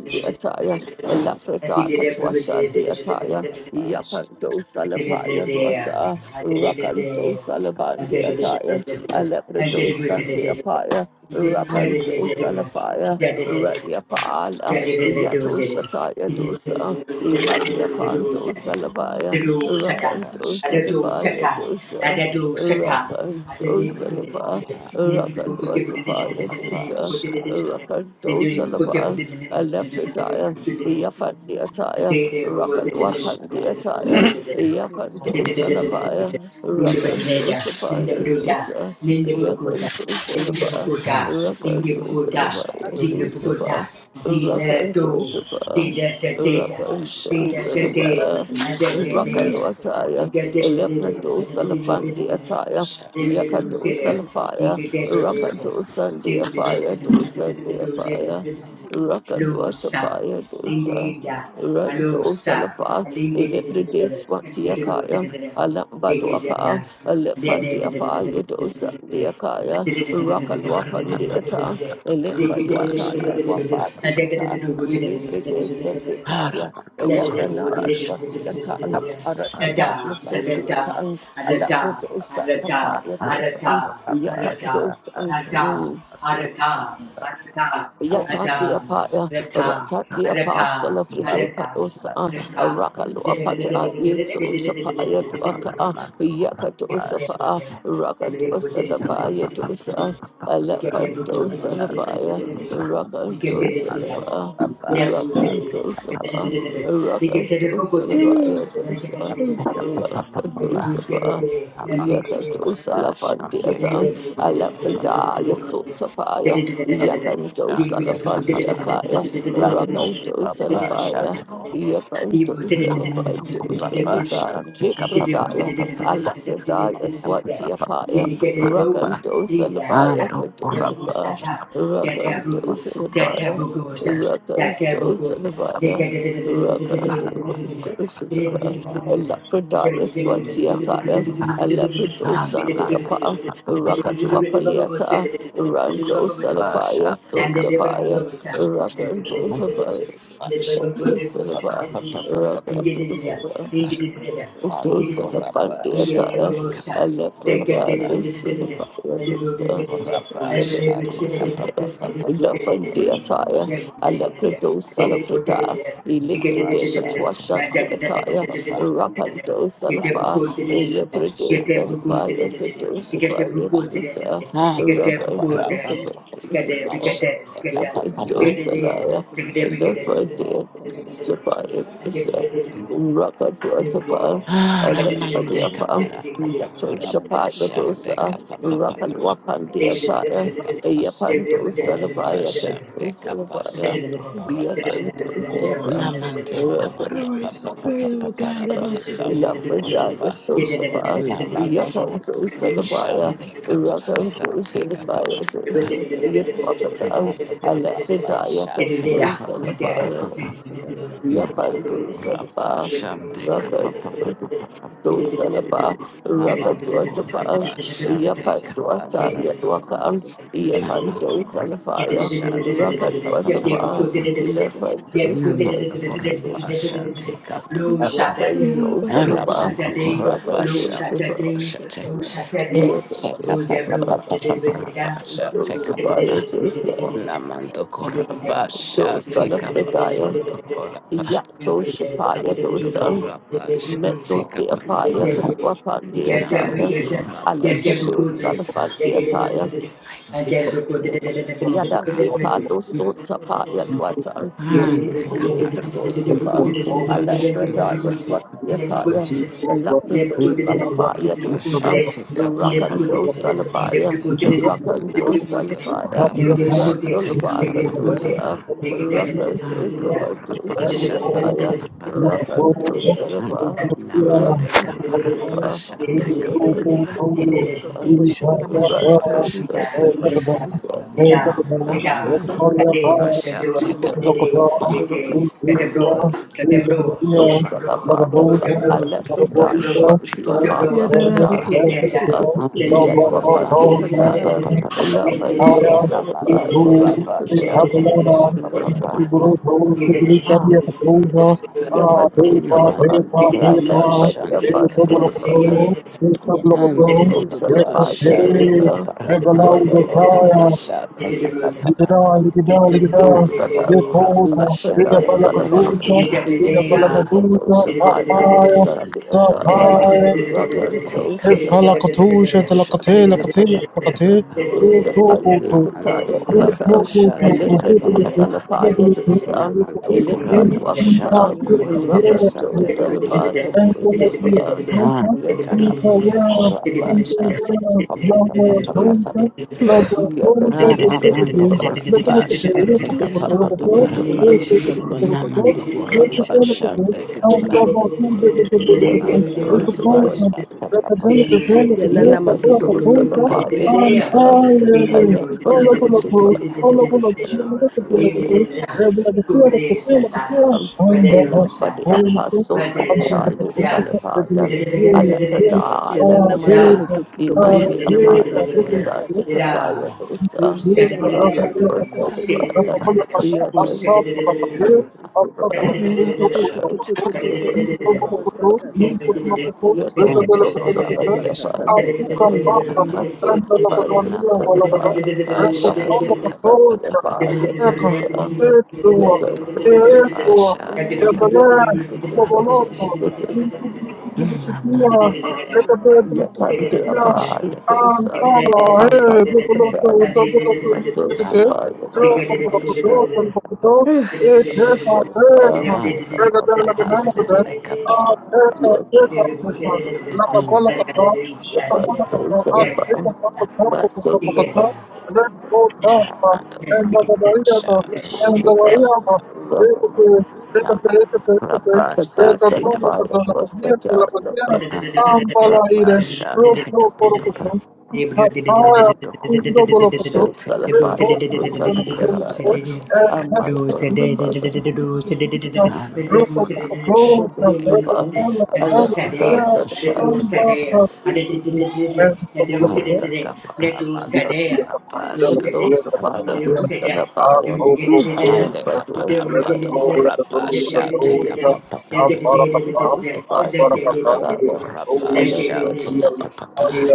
S5: take
S1: Elafrida Katuashandiataya,
S5: Shut
S1: Yapanto
S3: Shut
S1: Salafaya Dwasa, Rakanto Salabanti Ataya, Alepreto Sandi Apaya, Rakanto Salafaya, Radiapala, Yato Shataya Dosa, Imadiapanto
S6: Now
S1: Salafaya,
S3: up.
S1: Rakanto Sadapaya Dosa, Rakanto
S6: unto the
S1: Salapa,
S6: wash your cleansing
S1: Rakanto
S6: weakness, white as snow,
S1: Tapaya
S6: create in me
S1: Dosa.
S6: a clean heart.
S1: Rakando
S6: Renew a right
S1: Salapa,
S6: spirit, O God. Let
S1: Alephidaya,
S6: this mind be in me, that is
S1: Yafandiataya,
S6: also in Christ Jesus. I
S1: Rakalwapandiataya,
S6: thank you for your goodness.
S1: Yapando
S6: I thank you for your
S1: Salapaya,
S6: mercy.
S3: Ninde
S6: I thank you for
S1: Rakando
S3: Bedneda,
S6: your loving
S3: Ninde
S1: Sapaya
S3: Bruda,
S6: kindness.
S1: Dosa,
S6: I
S3: Ninde
S6: thank you for your
S3: Bukuta,
S1: Yakando
S6: greatness.
S3: Ninde
S1: Salapa,
S3: Bukuta, Ninde
S1: Rakando
S3: Bukuta,
S1: Salapaya
S7: Hata
S3: Zinde
S7: ujifikirie.
S3: Bukuta,
S1: Dosapa,
S3: Zine Do,
S1: Rakando Sapa,
S3: Zine Tateta,
S1: Rakando
S3: Zine
S6: I
S7: Wewe
S6: am a
S7: wewe ana
S3: Tate,
S6: toto
S1: Salapaya.
S6: toto
S7: ametumia
S3: and the
S6: boy,
S7: thread
S6: she's a
S7: mnene
S3: Bedneda.
S1: Rakalu
S7: sana.
S1: Ataya,
S3: Zine
S6: lama.
S1: Eleprado Salafandi Ataya,
S6: I am
S1: Yakado
S6: a toto
S1: Salafaya,
S6: toto boy, she's a lama.
S1: Rakado Sunday Apaya, Do Sunday Apaya,
S3: Tate,
S1: Rakado
S3: Lusa,
S1: Atapaya, Dosa,
S3: Linda,
S1: Rando
S3: Alusa,
S1: Salafa,
S3: Linda,
S1: Eleprade
S3: little
S1: Swantiakaya,
S3: Senator, the
S1: Alambado
S3: Gazetta,
S1: Aka, Elefantia pa yadosa deakaya, Rakalwafandiata, Elembadwataya lwafatikata,
S3: the
S1: Ilibridesantipaya,
S3: Da
S1: Elebranaya
S3: da
S1: swatiatan, Aratapa lusotiatan,
S5: Take
S1: Alabradosa tapaya
S5: a
S1: dosan, Yapadosan, Yata de apaya, rata de apasola fride palosa, a rakalo apada yeto tapaya to aka, yakatosa pa, rakatosa la paya tosa,
S6: I am
S1: alapantosa
S6: a
S1: la
S6: toto
S1: paya,
S6: toto boy, she's a lama.
S3: da
S6: I
S1: rakantosa
S6: am a
S1: la
S3: da
S6: toto
S1: pa,
S6: toto boy,
S3: Thank
S6: she's a lama.
S1: rakantosa pa, rakantosa
S6: I
S1: la paya tosa, rakantosa pa. Yakadosa
S6: am
S1: la
S6: a toto toto
S1: fandiata,
S6: boy, she's a lama. I am a toto toto boy, she's a lama. I am a toto toto boy, she's a lama. I
S1: Alafrida,
S6: am a toto toto
S1: Yasotapaya,
S6: boy, she's a lama. I
S5: Shall
S1: Yakandosa la
S5: make up a papa,
S1: fandiakaya,
S6: am a
S5: son, no
S6: toto
S1: Rakandosa la
S5: papa, shut
S1: paya, Yakandosa la
S5: Namando kula
S1: fandosa
S3: Thank
S1: liba,
S5: basha tika
S6: toto boy,
S5: pa
S6: she's
S5: pa pa
S1: Lifridaya,
S5: pa
S6: a lama.
S5: pa pa
S1: Alafrida,
S5: pa pa pa pa
S1: Yaswantiapaya,
S5: pa pa pa
S1: Rakandosa la paya,
S5: ando
S1: Sadosa
S5: ora
S1: pa,
S5: basha pa pa
S1: Rakandosa
S5: to
S1: la paya.
S5: gosle kamsa tika pa
S1: Rakantoshanabaya,
S5: ora
S1: Rakantoshanabaya,
S5: basha
S1: Alapradaya
S5: to ko
S1: Swatiakaya,
S5: pa ando mante pa
S1: Alapradosandeyapa,
S5: pa pa pa pa
S1: Rakatwapaliata,
S3: you.
S5: pa to
S1: Rantosalapaya Sundapaya, Rakantosabaya, Dosalaba, Rakantosaba. Dosa the Fundy attire, a
S5: Shall
S1: Lefredazo, Sulapaya,
S5: Shante
S1: Elephante attire, a Lepredo Salafrida, Elifrideca Twashanti attire,
S3: Ticket
S1: Rapando
S3: Get a Gete
S1: Salafa,
S3: brukos de de de de.
S1: Elephante
S3: Gete brukos de
S6: The
S3: de
S1: Satapaya,
S3: de
S1: the
S6: bishop of the
S3: de.
S1: Dosa
S3: Gete
S6: Sata
S1: Paya
S3: brukos de de
S6: Telamatu
S3: de
S1: Dosa,
S6: to
S3: de.
S6: the
S3: Gete
S6: bishop of
S3: brukos
S1: Rapando
S3: de
S6: the
S3: de.
S6: Sata
S3: Gete
S1: Saladosa,
S3: brikete
S6: Tata.
S1: Lepredo Salaya, Elephante Sapaya Dosa. Yet
S3: gete.
S1: it
S5: kapasa,
S3: Gete de
S1: does
S6: Telamatu
S1: a
S6: to
S3: de.
S1: liar,
S6: the
S3: Gete
S6: bishop
S1: and the
S3: brikete
S6: of the
S1: fire did
S6: Sata Telamatu to
S1: survive
S6: the bishop
S1: itself.
S6: of the Sata Telamatu
S1: Rakadwatapa,
S6: to the bishop of the
S1: Alefadiapa,
S6: Sata.
S1: Yato
S6: Telamatu to
S1: Shapagadosa,
S6: the bishop of the Sata Telamatu
S1: Rakadwapandiataya,
S6: to the bishop
S1: Yapanto
S6: of the
S5: kurapa,
S1: Salabaya,
S6: Sata.
S1: Kento
S5: shante kapasa,
S1: Salabaya,
S5: kurapa.
S3: de
S1: Yakento
S3: de
S1: Salaba,
S3: de
S5: Namante
S3: de de.
S6: All right,
S5: kaparapa
S6: Spirit of God,
S3: Thank
S6: that
S5: papapapaparapa
S6: must do do
S5: santo
S6: do do
S5: para
S6: do
S1: Lafredaya
S6: do
S5: pa
S6: shit that I'm
S1: Sosapa,
S6: about to tell you
S5: Namanto
S6: about do
S5: para
S1: Yakanto
S6: do do
S5: pa
S6: do do do
S1: Salabaya,
S6: shit that
S5: shambe
S6: I'm about to
S5: kapara
S6: tell you
S1: Rakanto
S6: about
S5: sate
S6: do do do do do
S5: kapapapapa.
S6: do
S1: Salabaya,
S6: shit that I'm about to tell tell
S1: Yatwakata,
S6: tell
S5: Namanto
S6: tell tell.
S5: para pa
S1: Alefredaya
S5: sha te
S6: Yeah,
S1: Kanto
S6: that
S5: kapa
S6: I'm
S5: pa
S6: about to
S5: pa
S6: do
S5: pa pa
S1: Salabaya,
S6: do
S5: pa
S6: do shit that I'm about to tell tell
S5: Namanto
S1: Yapandu
S6: about do do do
S5: korapa
S6: do
S1: Salaba,
S6: shit that I'm
S5: shambe
S6: about to tell tell
S1: Rakandu
S6: about do do
S5: kapapapapapa.
S6: do do do
S1: Do
S6: shit that I'm
S1: Salaba,
S6: about to tell.
S5: Namanto
S6: And I'm about
S5: para
S6: to
S1: Rakatuatapa,
S5: pa
S6: do do do do do
S5: shande
S6: shit that I'm about to
S1: Yapanduata
S6: tell
S5: kapasanto
S6: tell
S5: ko.
S6: about
S1: Yadwaka,
S6: do do do do do shit that
S5: Namanto
S1: Yapandu
S6: I'm about
S5: korapa
S3: Hello,
S1: Salafaya,
S5: shate
S3: Saturday.
S6: to tell
S1: Rakatuatapa,
S5: kapapapapapa.
S6: tell tell tell.
S1: Yapandu
S5: Namanto
S1: Salaba,
S5: korapa shate kapapapa.
S1: Rakandu
S3: Hello,
S5: Araban
S1: Salaba,
S3: Saturday.
S5: Pakurapa
S1: Rakandu
S3: Hello,
S5: Sam
S1: Salaba,
S3: Saturday.
S5: Koshate.
S3: Hello, Saturday.
S5: Take
S1: Yapandu
S5: up
S3: Go there,
S5: a
S3: bro.
S1: Salaba,
S3: Go
S5: papa shall
S1: Do
S5: take up a
S1: Salafaya,
S5: Namando Korapa
S1: Do
S5: shall take up
S3: there,
S1: Salafredaya,
S5: some
S3: bro.
S5: Pakurapa.
S1: Yato
S3: Get
S1: Shapaya
S5: Namando
S1: Dosan,
S6: Yenana
S5: Korapa shall
S1: Meso
S5: take up
S1: de
S5: a
S1: Apaya,
S5: papa.
S1: Kutuapan de Ataya,
S5: Namando Korapa shall
S1: Alepedo
S5: take up.
S1: Salafan Deapaya,
S5: I did. Oh
S1: Yada
S5: God.
S1: de
S6: Thank
S1: palo sota pa ya twata
S8: Thank
S5: And
S1: ile
S5: the
S1: de kato
S5: Kaparamando
S1: sapa
S5: Korapa
S1: ala
S5: shall
S1: brada
S5: take
S1: ya
S5: up
S1: swat
S5: a
S1: ya
S5: papa.
S1: kaya ala brado salafa ya
S5: Korapa
S1: dos
S5: shall take up a
S1: rakan do
S5: papa.
S1: salaba ya rakan do
S5: The
S1: salaba ya
S5: Korabasha
S1: rasul
S5: take a
S1: pa
S5: papa
S1: kato
S5: papa.
S1: sa rakan do
S5: The
S1: sapa do
S5: Korabasha
S1: salia
S8: you.
S5: take a
S1: ya
S8: Thank
S5: papa.
S1: rakan do salaba
S3: Leprechaun
S5: Namande
S1: rakan
S6: you.
S5: Kaparabasha take a
S6: Yadabasata
S5: papa.
S1: Salafaya,
S5: The Korabasha Namando Korabasha take a papa. Namando
S1: I
S5: Korabasha
S1: left for
S5: take
S1: that
S5: a shit
S1: swati
S5: papa.
S1: apart after that and those us
S5: Namando
S1: yet wapati
S5: Korabande
S1: hataya,
S5: Kapapa.
S1: love and those and
S5: Namando
S1: about and those of
S5: Korabasha
S1: her.
S5: take
S3: Go
S5: a papa.
S3: Thank
S8: you.
S1: Yet I don't son
S5: Namando
S1: of I
S5: Kurapa
S1: left for the
S5: Shande
S1: apostle of her.
S5: Kapapa.
S6: Yanana
S5: Mando
S6: matoto
S1: dosa
S6: toto
S1: la
S6: to
S5: Kurapa
S1: paya
S6: bishita la
S5: Shande
S1: dosa
S6: basata
S5: Kapara
S6: tata la
S5: Mando
S1: raka
S6: matoto
S5: Kona
S6: toto
S1: dosa
S6: to
S5: Masha
S6: bishita la
S5: Teka
S3: you.
S6: basata tata
S5: Papa.
S6: la matoto
S3: Thank
S6: toto to
S1: dosa ka
S6: bishita
S5: Namando
S6: la basata
S5: Kurapa
S6: tata
S1: lapada
S5: Shande
S6: la
S1: salapam
S6: matoto
S5: Kapapa.
S6: toto toto
S1: lefrite ka
S6: bishita la
S1: dosa
S5: Teka
S6: basata
S1: paya
S5: Nam
S6: tata
S8: Sapaya,
S1: dosa
S5: Santo
S1: deataya
S6: la
S5: Kurapa.
S8: Sapaya,
S6: matoto toto
S1: raka
S6: toto
S5: Teka
S1: dosa
S6: bishita
S1: la
S6: la
S5: Santa
S1: paya
S6: basata
S8: Palakatosha,
S1: dosa
S6: tata
S1: ka
S8: Talakate,
S5: Shande
S8: Lakate,
S5: Kapapa.
S8: Lakate,
S6: la
S1: dosa
S6: matoto
S1: paya
S6: toto toto bishita
S5: Namando
S1: kataya
S5: Kurapa
S1: watam
S5: Shande
S1: lefrite dosa la
S5: Kapapa.
S6: la
S1: paya
S6: basata
S1: dosa
S6: tata la
S5: Namando
S6: matoto
S1: elimbat
S5: Kurapa
S6: toto
S1: wakata
S5: Shando Kona
S1: raka
S5: Sande
S1: dosa
S6: toto
S1: la
S5: Kapapa.
S6: bishita la
S1: pata
S6: basata
S1: dosa pa
S5: Ah,
S1: lefrite
S5: Karamando Korabasha,
S1: dosa
S5: take a
S1: Yakadosa,
S3: you.
S5: Karamando Korabasha, take a Paparapa, Namando Korabasha, take a Namando
S8: Love,
S5: Korabasha, take a Papa. Oh, Jesus,
S6: Yanana
S1: Jerusalem, Allah for the
S5: take
S1: apostle to the Tali
S3: Yeah.
S1: Salihaya, Allah the Daya Dosan,
S3: Da.
S1: Iman
S3: Who's
S1: the
S3: it?
S1: Apaya
S5: a
S8: the
S1: Dosa,
S8: you.
S1: the
S3: Da.
S1: Kataya
S3: Who
S1: Dosa,
S8: Asuka
S3: said
S1: Raga
S3: it?
S1: Dosa the
S3: Said
S1: Baya,
S3: it. Who
S1: Yagan
S5: Jesus,
S3: said
S1: Dosa,
S3: it? Said
S6: Yenana
S5: Korabasha,
S1: Raga
S5: take a
S1: Dosa,
S5: Papa.
S3: it.
S1: Yagan
S5: Namando
S1: Dosa for the Apan,
S5: Korabasha,
S8: papa,
S1: Masur
S8: and
S3: Said
S8: the
S1: the Pan Dosa the Baya, Raga
S5: Namapapapasha, take up
S1: Dosa
S8: Lagonia,
S1: the Apaya
S8: Ecco, e tuo, e
S1: Dosa,
S8: tuo,
S5: papapapapapapasha,
S8: e
S5: take up
S8: belè,
S1: Muscle
S8: lo
S5: papapapa.
S1: the brother,
S8: volotto,
S5: Namandapapapasha,
S8: l'intibilità, e
S3: it.
S8: te
S3: Together.
S8: bell'intibilità,
S5: take up
S8: antava, e dopo l'otto, dopo l'otto, dopo l'otto, dopo
S5: namandapapasha,
S8: l'otto, dopo
S5: take up
S8: l'otto, e
S5: papapapapa.
S8: testa, testa,
S5: Ah, the
S8: e la bella, la bella, la
S5: Kodamasa,
S8: bella,
S5: take up
S8: a
S5: papapa.
S8: testa, testa, testa, la bella, la
S5: Take
S8: bella, la bella, la bella, a testa, testa, testa, testa, testa, la cabola capo, la cabola capo, ah, testa, capo, capo, capo, capo, let's
S5: up
S8: go, and and
S5: namandapapasha,
S8: the
S5: take
S8: Mariato, and
S5: up
S8: the
S1: the
S5: namandapapasha,
S1: dose
S5: take up papapa.
S3: Thank
S5: Rapasha, take up papapa.
S3: you.
S5: Namandoko. Shall take a papa papa crap, shall take a papa papa. And on a shall take
S1: of
S5: a stamp
S1: I let the
S5: or
S1: dust
S5: a
S1: set the
S3: Let
S5: shall
S3: do
S1: fire.
S5: take a
S3: sedea, and it did it, and do
S5: and a
S3: sedate, let do
S5: caparamando
S3: sedea, and
S5: corapa
S3: do
S5: shall
S3: sedate, and
S1: Yadosapaya
S5: and
S8: Thank
S3: do
S8: you.
S3: sedate,
S1: dosalabaya.
S8: Thank
S3: and get it together.
S1: Alemba
S5: a
S3: The devil did
S1: dosapaya.
S3: it
S5: caparamando
S3: together.
S5: corapa shall take a papa papa.
S1: Yadosapaya
S5: Namando
S1: dosalaya.
S5: corapa shall
S1: Alemba
S5: take
S1: dosa.
S5: a papa
S8: you.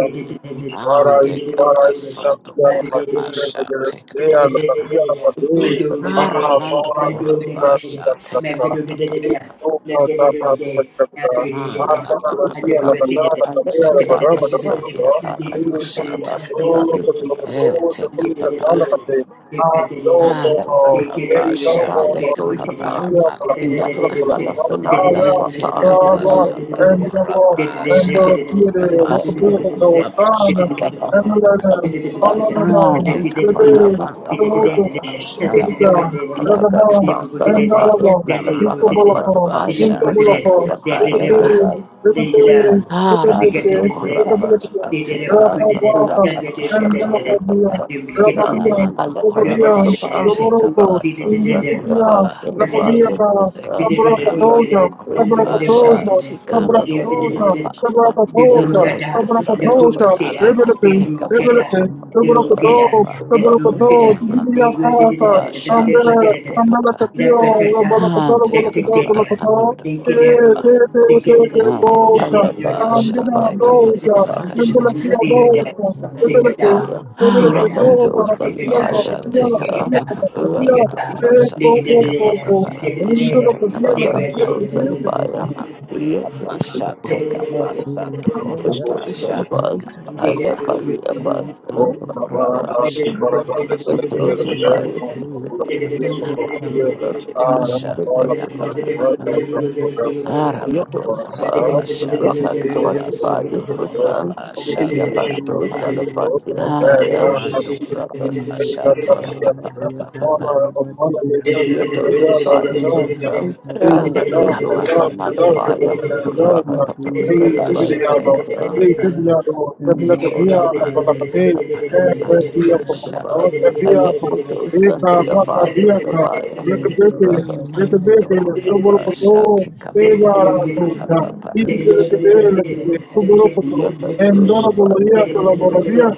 S8: Para
S5: and
S8: y
S5: a
S8: para y
S5: capasanto
S8: cambiar
S3: Let
S8: a
S3: it
S8: partir
S5: corapa
S3: and
S8: de
S5: shall
S8: la
S5: take a
S8: idea, la
S5: papa.
S8: cambiar a partir
S3: Thank
S8: para
S1: Yadosalafaya
S5: Aramando
S8: ahora
S1: dosa.
S8: que está
S5: Kurapa shall take up
S8: capta.
S5: a
S8: Esto pasa para que capta. Anda la día la
S1: Yadosata.
S8: tanda la cambiar la
S5: take up
S8: para
S1: Alexataya
S5: a
S8: para por
S5: santo
S8: lo
S1: swatiataya
S8: y
S5: Kurapa
S8: esto se
S5: shall
S8: lo
S1: dosalafaya
S8: todo se lo
S1: dosalaya.
S8: todo se
S5: take
S8: lo
S5: up
S8: que
S5: papa
S8: sale a partir. Ando
S5: Ando
S8: como
S5: Kurapa
S8: el no
S5: shall
S1: Salafradaya
S8: como
S5: take up papa
S1: Sotapan,
S8: día para la
S5: Ramante take up
S8: para
S1: Yellow
S8: por la para
S1: Salafranaya
S8: para
S5: Take
S1: Wapan,
S5: up a
S8: todo
S1: alone by
S5: santo
S1: the
S8: en todo
S5: Kurapa shall
S8: Cuando quiere,
S5: take up
S8: no
S5: a
S8: cumplido
S5: santo Kurapa
S8: con
S5: shall take up
S8: Sabra
S3: you.
S5: papa Ande Kaparamando Kurapa shall take up papa Lamanto Kurapa shall take up papa Aramando corrapa, shatika
S1: Salafaya,
S5: papa,
S1: Rapper,
S5: shatika papa, namando corrapa, shatika pasando
S3: Did
S5: corrapa,
S3: Dictator,
S5: teka paramando corrapa, shatika
S8: Sabra
S5: ando corrapa,
S9: Jesus must be
S5: eteka
S9: clean.
S5: santo
S9: Tell it and
S5: corrapa,
S8: Sabra
S9: tell it.
S5: teka papa
S8: Thank
S9: She
S5: papa papa
S9: that I
S5: papa,
S9: have
S5: namando corrapa, shatika papa, handika papa, ando corrapa, Ando
S1: and then like what to
S5: corabasha,
S1: buy
S5: take
S9: that
S5: a
S1: with those
S5: papa
S1: upon
S5: pakasha, take a
S1: eleven
S5: papa.
S1: muscles and the attire, rock and
S5: Aramando
S1: roll solidified
S5: corabasha,
S1: and
S5: take
S1: those
S5: a
S1: uh
S5: papa papa
S1: rock
S9: Thank
S1: those
S5: parabasha, take a papa parabasha, take a
S1: rock and
S5: papa
S1: roll solidified.
S5: amando
S3: Dig
S1: Yes, it's the
S5: corabasha, take a basando
S1: those
S5: corabasha, take a
S1: I left
S5: papa.
S1: on the bus and the
S8: Oh,
S5: Ando
S1: bus
S8: Navarada,
S5: corabasha,
S8: Barada,
S5: take a
S8: the
S1: the
S5: papa papa.
S1: those
S8: Telegraph,
S1: solidified,
S8: on,
S1: those solidified.
S5: Amando
S1: Rock and roll
S5: corabasha, take
S1: solidified,
S5: a papa papa.
S1: solidified.
S10: Thank
S5: Aramando
S1: Yodosapa,
S5: corabasha, take a
S1: Rakandotapa,
S5: basando
S1: Yodosan,
S5: corabasha, take a
S1: Yapando
S5: papa.
S1: Salafandi
S5: Ah, la la
S1: Ataya,
S8: Thank
S9: you.
S5: mando.
S8: you.
S9: Thank
S8: Endoro,
S5: Asha
S8: buenos
S5: take
S1: Rakandosapa,
S5: up. pa pa pa pa pa.
S1: Yodosapa, Yodosan,
S5: Rika
S1: Alepredosa,
S5: parama
S1: the
S5: Take up. pa.
S1: Apaya,
S5: take pa, pa pa pa pa. Asha
S1: Rakandosalapando,
S5: take up. pa pa.
S3: Thank
S5: Mando kora mande pa pa pa mande kasha
S1: Salafan,
S5: tika tika
S1: Alepredosa,
S5: pa
S1: the
S5: asha take up
S1: Apaya,
S5: pa.
S1: Sabaya,
S5: Mando
S1: Rakandosapa,
S5: kora pasha
S9: you.
S5: tika
S9: Thank
S5: papapapapara papara kasha tika.
S8: días,
S5: Mando
S1: Yapandosapa,
S8: buenos días,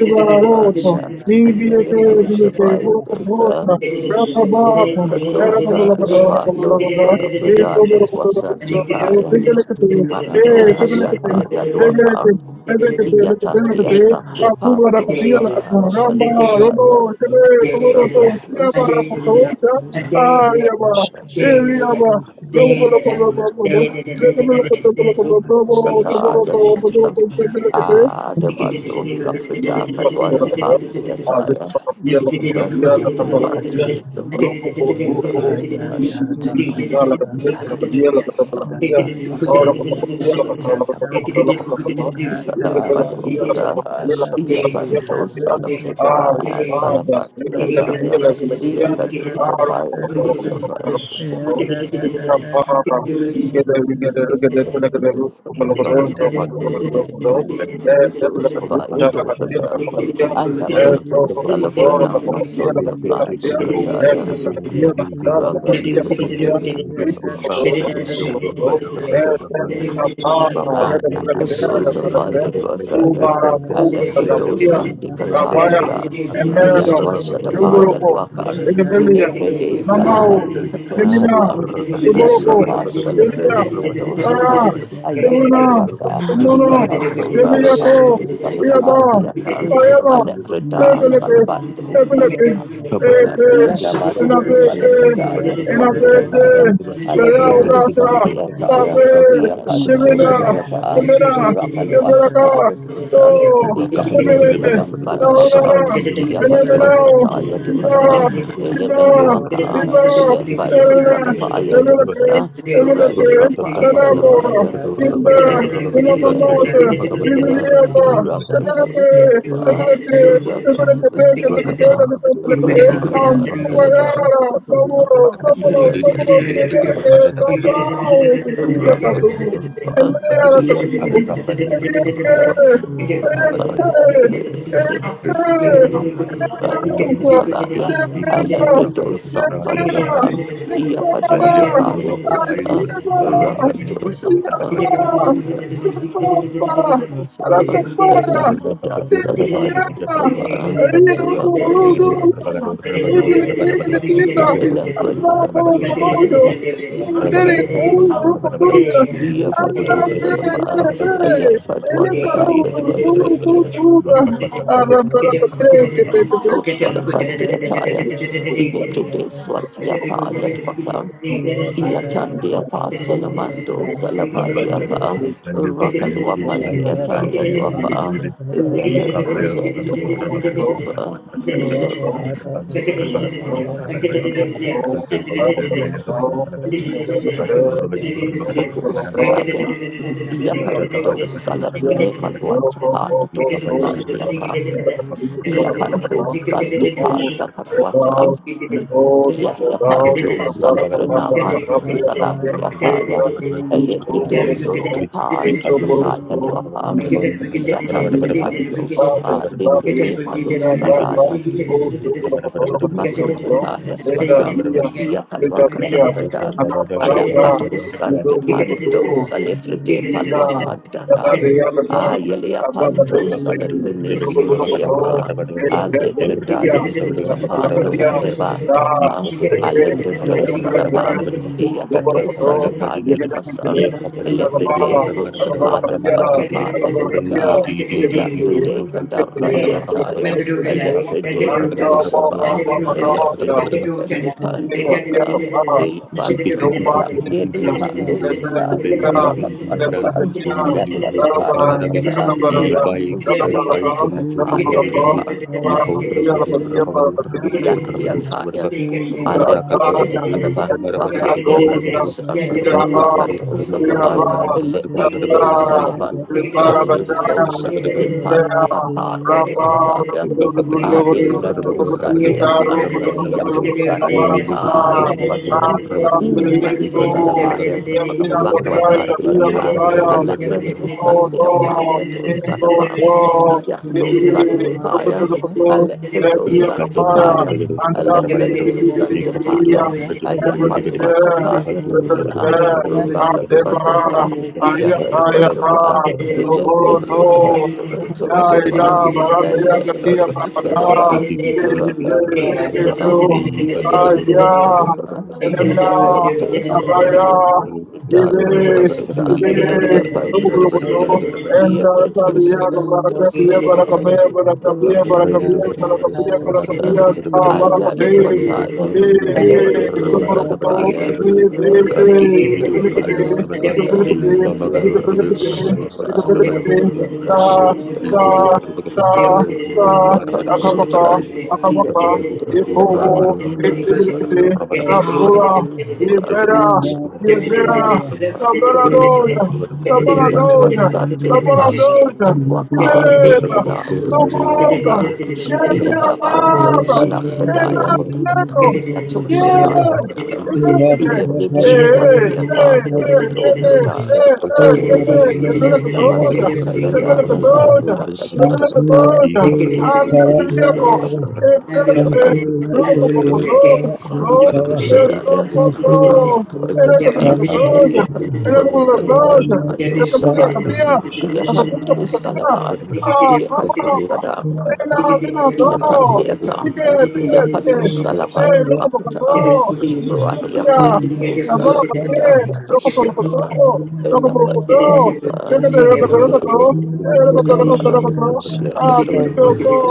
S5: kora pa pasha
S8: Thank
S5: tika
S10: you.
S5: papapapapara
S1: Yodosapa,
S10: Yang
S3: you.
S1: dosa.
S3: Ticket
S5: kora pa
S1: Kadosati
S5: pasha
S1: Apandos, Falafrida, Katwasati Paya,
S5: Shut
S1: Mando Paliapaya, Luakan, Yatati Asati
S9: you.
S1: Apandos, Sakatwa
S9: Yeah,
S1: Faliataya, Rakadusa, Sataya Dusa, Adavados, Afrida, Kadwata
S8: you.
S1: Paliataya,
S3: it
S1: Rasul
S10: dalam pakai
S1: Tapaya,
S10: cantik, ini
S1: Samandosa.
S10: payah dalam pakai cantik. Thank
S1: Salafata,
S9: of the living
S1: Yapando
S9: God,
S1: Salafata, Salafataya, Yakadota Paya Dosapa,
S9: my
S3: you.
S1: Dosapaya
S8: Thank
S1: Dopata,
S8: you.
S9: how
S8: Ayaba,
S9: dear
S1: Alaprato
S9: is this
S1: Salafrana
S9: morning in the
S1: Masonda
S9: name of the Lord
S1: Pandopataya,
S9: Jesus.
S3: The
S9: We love that
S1: Rabandosapa
S9: here, that, that, that, that, that,
S11: Bang
S9: that, that, that,
S1: Dosafaya
S9: yeah,
S1: Dwasaya,
S3: Thank
S1: Alepro Santi Catafrida, Yatwashadapaya Dwakan, Inebre de Salafati Catosapan, Yadiapa Solabrene Catosapan, Ayam Badwasa, Iapato Salapato
S10: you.
S1: Salipa
S10: Thank
S1: Diakan,
S8: Ayaba,
S1: Alephrida Salabandos,
S8: Ayaba,
S1: Yadabanto
S8: Innovate,
S1: Salafritaya
S8: innovate,
S1: Swatiakaya,
S8: Maria
S1: Alepredo
S8: Udasa,
S1: Sandiataya,
S8: Sabe,
S3: you. Thank
S1: Yapancho
S8: Divina,
S1: Salapa,
S8: Divina, Divinaka,
S1: Rapalwatapaya
S8: So,
S1: Dosan, Yando
S8: Divine,
S1: Salambadwaka,
S8: Naudana, and
S1: Yapadua
S8: Eminao,
S1: Sataya
S8: Iba,
S1: Dosa,
S9: Hey,
S8: Iba,
S1: Elemenuaka,
S8: Iba,
S1: Elembado
S8: Divina,
S1: Sadapaya
S8: Divinate,
S1: Dosa,
S8: Divinate,
S1: Randy Apa
S9: yeah.
S8: Tadabona,
S1: Salapaya
S8: Inda,
S1: Dosa,
S10: you.
S8: Inamamata,
S1: Yando Salapa.
S8: Diviniapa,
S11: Rakata
S8: Divinate,
S1: Rakadoshanaba,
S8: Divinate, Divinate,
S1: Rakadoshanaba,
S8: Divinate, Divinate, Yes,
S1: Radiapa
S3: you.
S1: Salabandosa,
S11: Thank
S3: Get
S1: Rakadoshanaba, Rakadoshanaba,
S5: Take
S1: Salaya, I let the dosa Fadiapan, Yapadwatapaya dosa,
S9: Yeah,
S1: Rakadoshanaba.
S11: you.
S1: Lucifer,
S3: it,
S11: Rakapata
S1: Elaphada, Sullivan,
S3: Get
S1: Lucifer,
S8: Thank
S1: Rocker, Lucifer, Elaphada, Lucifer, Yapadu Sullivan, Ayapadu
S9: yeah,
S1: Akataya, Lucifer, Lo salafandi ataya, ile
S3: up,
S1: prete Rosalafandiataya, Iliprudeswatiapaya Dwakam, Yatandi Apostle Mando Salavati Apa Rakaluapandi Ataya Luapa Rekatos and the
S8: you.
S1: Rosasipa Elevatos
S10: Ipayata lapakutanta
S3: Get Thank
S10: ilakanta lapakutanta
S1: Sataya
S10: Ipayata
S1: Yapando
S10: lapakutanta
S1: Salafrene Malwata
S10: ilakanta
S1: Paya Dos Landiaka
S9: Thank
S1: Yapando Sante Panda
S11: Thank
S1: Katwata Yaliapanto
S11: Thank
S1: Salafrana Manto Salandiakaya Elebride Sunte Panta
S3: you.
S1: Kataya
S3: Get
S1: Duapan
S8: Thank
S3: it,
S8: you.
S1: Yatante Pantos Alibrime Malos Sadaya, Masun de pa yaswatan, Yapalwakata Radan, Alambad
S11: you.
S1: Usan de Pando Salifride Palwakandana,
S9: you.
S1: Ayelia
S9: Thank
S1: Pando
S11: Thank
S1: Salifrine Suntiapa, Alegredai
S9: you
S1: Suntapa de Bandaka, Alegredo
S8: Thank
S1: Salapan, Yatado Satapa Yadwasan. Lebrides from Kapaya Atapaya Luka, Elabride
S3: Data,
S1: Katapatiataya,
S3: metadata,
S1: Elebride
S3: metadata,
S1: Katosapa, Elebride Sendi
S3: metadata,
S9: as
S1: Panduaka,
S9: they they
S11: Thank
S1: Elabando Salap, Edi
S9: as
S1: Pandusata,
S9: they they they
S1: Rapatapan,
S9: the
S1: was a
S9: name of
S1: Rando
S9: Jesus sunata
S1: Salapandiataya
S8: Thank
S9: davaha
S3: metadata,
S9: sunata
S3: Thank
S8: you.
S9: davaha
S1: Yatiataya, Alepitos,
S8: Thank
S9: sunata
S1: Salabandu Apa,
S9: let there be a
S1: Yakatos, and Rakatos Apa, Elepatos, Salabandu, Italis, Sosa, Depandu
S9: miracle, O
S1: Apa,
S9: Lord,
S1: Yatuataya,
S9: in the name of the Lord
S1: Adetratos,
S9: Jesus.
S1: Sandiapan,
S9: Let there be a
S1: Yatos,
S9: surprise, O
S1: Sandiataya,
S9: Lord,
S1: Wasam,
S9: in the mighty
S1: Madu
S9: name of the
S1: Salabaya,
S9: Lord Jesus.
S1: Bakwata,
S9: Let there
S1: Deatan,
S9: be an
S8: you.
S11: I
S9: angelic
S1: Alaprados,
S9: visitation, O
S1: Sandiapa, Yatos,
S9: Lord, in
S1: Sadapan,
S3: you.
S9: the mighty
S1: de
S9: name of the Lord Jesus.
S1: Sandipaya.
S9: Let
S1: I let the
S9: this
S1: door
S9: place
S11: Thank
S1: set the
S9: this
S1: fire.
S9: morning,
S1: I
S9: in the
S1: let the door
S9: name of the
S1: set the
S9: Lord
S1: fire.
S9: Jesus.
S1: I get
S9: Let
S1: hot
S9: every
S1: water
S9: good
S1: fire
S9: news on
S1: dosa.
S9: them. Let every
S1: Rocket
S9: good
S1: water
S9: news on
S1: fire.
S9: them.
S1: Yakut
S9: Good
S1: water
S9: news
S1: fire.
S9: flow.
S1: I
S9: Good
S1: let the
S9: news
S1: door
S9: flow.
S1: set the water
S9: The
S1: fire.
S9: name of the
S1: I let
S9: Lord
S1: the
S9: Jesus.
S1: Alepedosa
S9: All
S1: depaya, Alepedosa depaya, Ayapatuatapaya dosa, Rakatuatapa, Yakatuatapa, Elepedosa depatosapa, Elepedosa depa,
S9: through that day, that power, that
S1: Rakatosapa,
S9: power. In the
S1: Alepredo
S9: name of
S8: Yeah.
S9: the Lord,
S8: Enemina,
S1: Salabaya,
S9: the da da da
S8: Abaya,
S9: da
S3: Yeah.
S9: da da da.
S8: Ibe,
S9: In
S8: Ibe,
S9: the
S1: Rakato
S8: Nukulokoto,
S10: Thank you.
S8: Enda,
S11: you.
S8: Sabiya,
S10: Thank
S9: name of the
S8: Barakabiya,
S3: Thank
S9: Lord
S8: Barakabiya,
S9: Jesus,
S8: Barakabiya,
S11: Thank
S8: Barakabiya, Barakabiya, Barakabiya, Ta, Barakabiya, Tukukukukuku, Ibe, Nukulokoto, Ibe, Ibe,
S1: Salabaya,
S8: Ibilibide, Ibilibide, Ibilibide,
S5: Jesus. The
S8: Ibilibide, Ta,
S5: passion take up
S8: Ta,
S5: the
S8: Ta,
S5: passion
S8: Ta, Akapaka,
S5: take up.
S8: Akapaka, Yehovo, Yehovo,
S5: Ah, the
S8: Tabora, Yebera,
S5: passion take up
S8: Yebera,
S9: Amen.
S8: Tabaradoza,
S11: you.
S5: the
S8: Tabaradoza,
S9: Thank
S5: passion
S3: you.
S8: Tabaradoza,
S5: take
S9: Thank
S3: Yeah.
S5: up the
S8: Kibereba,
S3: yeah,
S8: Noboga,
S5: passion
S1: Yet,
S8: Yebira
S1: Yada Pando
S8: Baba,
S5: passion take
S1: Salafradayan,
S5: up the
S8: Enabinero, yeah. Hey,
S1: Yatoshataya
S5: passion.
S1: Dosam,
S8: hey, hey,
S1: Ilibune
S8: hey,
S1: Swati
S5: The
S8: hey,
S5: passion take up the
S1: Apalo,
S8: hey,
S1: Kudobrataya
S8: hey,
S5: passion take up
S1: Apalo,
S5: the passion.
S8: hey. Nendele kutoja.
S1: Yandabasotaya
S8: Nendele
S1: Daya,
S5: The
S8: kutoja.
S5: passion
S3: yeah.
S8: Nendele
S1: Rakatuatapaya
S8: kutoja.
S3: Thank
S10: you.
S1: Dosava,
S8: Nendele
S10: Thank you.
S8: yako.
S1: Sarakatuatapa,
S8: Nendele. Robo kutoja. Kutoja.
S1: Ayapatuatapa,
S5: take up the
S8: Kutoja.
S5: passion take up the passion.
S8: Nendele
S1: Rakatuatapa,
S5: The passion
S8: kutoja.
S1: Yapanto
S8: Nendele kutoja.
S1: Salabranato
S8: Nendele
S9: you.
S1: Shabaya,
S8: kutoja.
S9: We
S8: Nakakuta
S1: Yapanto
S5: take up the
S8: kutoja.
S1: Salaba,
S11: Jika
S8: Ah,
S11: Thank
S1: Yapatua
S8: ah.
S1: Sadam.
S9: Thank
S8: Nina, nina,
S1: Yata
S9: you.
S1: Deata,
S8: nina. Tike,
S9: Thank
S8: tike,
S1: Yapato Salapan
S8: ¡Eh, loco por
S1: Wakata,
S8: todo!
S1: Iruati
S8: ¡Mira,
S11: you.
S1: Apato
S8: la bola para ti!
S1: Salapata,
S5: take
S8: ¡Loco
S5: up.
S8: por
S1: Kaposhipa,
S8: todo! ¡Loco por
S1: Elapati
S8: todo!
S1: Shipa,
S8: ¡Déjate, loco,
S11: Thank
S8: te loco
S1: Salapa,
S8: todo! ¡Eh, loco, te loco, te
S3: you.
S8: loco todo!
S5: Shall
S8: ¡Ah,
S3: Thank
S5: take a
S8: dicho, po!
S5: papa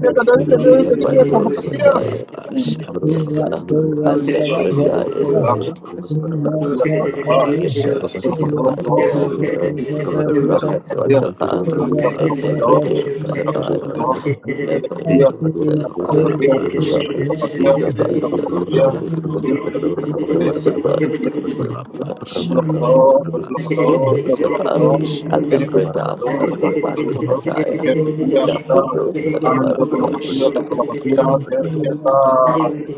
S8: ¡Déjate, déjate, déjate, déjate, como
S1: Yapato Sasaya,
S5: Kurapa shall take a
S1: Sapatosa,
S5: papa
S1: Alepradaya, Sapatosa.
S5: Kurapa shall take
S1: Yakatosha
S5: a papa
S10: Thank
S8: que
S1: Rakatotapa,
S5: Ramato Kurapa
S1: Elepidosarabaya,
S8: tía!
S9: Thank
S1: Lepidosaraba,
S8: Kupatia
S5: Kurapa shall take a
S8: kupatia
S5: papa
S8: kupatia
S1: Rakatosapadosa,
S8: ndio tunataka
S5: Kurapa
S1: Dosapadosalaba,
S5: shall take a
S11: you.
S5: bus
S11: Thank
S1: Yatosapa,
S5: Kurapa shall take a
S1: Alapida
S5: papa Kurapa
S1: Salwapandiataya,
S8: Thank Thank
S5: shall take a papa Kurapa shall take a
S1: Lapidosalabadwakataya,
S3: you.
S5: papa
S3: Thank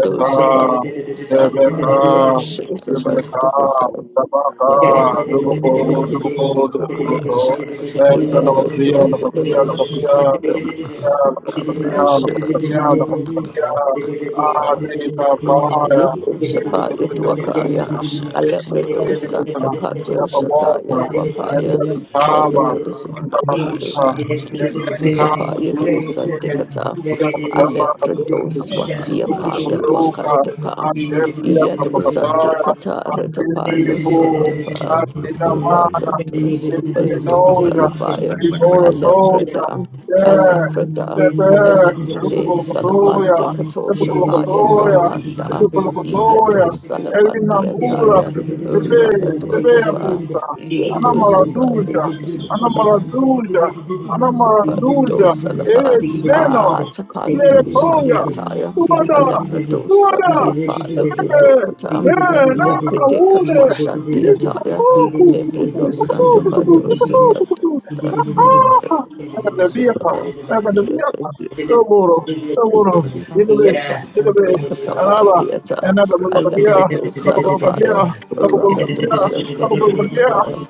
S1: Sosapaya Dosa,
S5: Kurapa
S1: Rakatosapadosa,
S5: shall take a papa
S1: Yapaya
S5: Kurapasha, take a papa.
S9: you. Thank
S1: Dwakaya,
S5: Kurapasha, take a
S1: Alepredo
S5: papa.
S1: Santa Pato Shataya Dwapaya,
S8: you
S5: Kurapasha,
S8: that
S5: take
S8: doesn't cause a
S1: Shapaya
S11: you.
S1: do
S8: woman to
S10: you.
S8: do that.
S1: Sandikata,
S11: Thank
S8: Yeah, but I'm not a
S10: Thank
S8: woman
S5: a
S1: Aleprador
S8: to do
S1: Swatia
S8: what I
S1: Paya
S8: do.
S5: Kurapasha, take a
S8: Uh,
S5: papa.
S8: I
S1: Wakandapa,
S8: tell you,
S1: Yato
S8: I'm a God. I-
S3: you.
S1: Sandikata,
S8: I feel pretty
S1: Ratapalo
S3: Yeah.
S8: cool. I
S1: Sundapa,
S8: feel the mind. I
S1: Rakato
S8: feel in the
S1: Shabado
S8: nose. Uh,
S1: Salafaya,
S8: we go to those. Uh,
S1: Aleprada,
S8: yeah, yeah, yeah.
S1: Alafrada,
S8: Look at
S1: Alefrade
S8: the photo, yeah.
S1: Salafande Kato
S8: Look at the
S1: Shapaya
S8: photo, yeah. Look at
S1: Wapanda,
S8: the photo,
S1: Yato
S8: yeah. Every
S1: Salafande
S8: number, uh,
S1: Ataya,
S8: the best, the
S1: Rakato
S8: best
S1: Tapa, Yato
S9: you.
S8: anamaraduja
S1: Shapaya do Shapa.
S8: anamaraduja
S9: Yeah.
S8: anamaraduja
S1: Sufanto salaba
S8: eh tena
S1: ah, Sifandosa laba atapandosa
S8: nimelekoya
S1: liataya
S8: tuada
S1: alabradosa
S8: tuada
S1: tefa lubrodokata
S8: tena ule
S1: lefride katwashan deataya lebrinosa dabadosa bandosa dosa
S8: akabadilika Toboro, Toboro, Italy, Italy,
S10: you.
S8: Araba,
S10: Thank
S1: Yapandwakatapandiata
S8: and Nababia,
S11: you.
S8: Nababia,
S1: alabradosa lafaya
S8: Nababia, Nababia,
S1: rakadosa badosa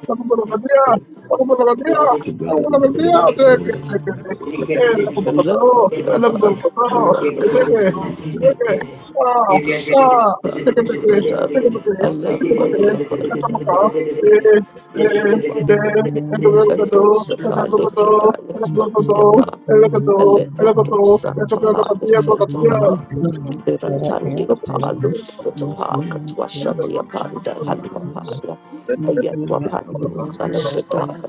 S8: Nababia, Nababia, Nababia, take it, take it, take it, El Copato,
S1: Alafadiapa,
S5: Oh
S8: El
S5: God,
S1: Rakadosapa,
S8: Copato,
S5: Jesus, Jesus.
S1: Alafadiapa, Kadosapa, Lefidaya Swatiapa, Alekotosatapa, Lesotapa, Ratantika palus, Utapaka, Twashati Apanda, Halvapaya, Ayanwapando,
S11: Thank you.
S1: Salafredaka,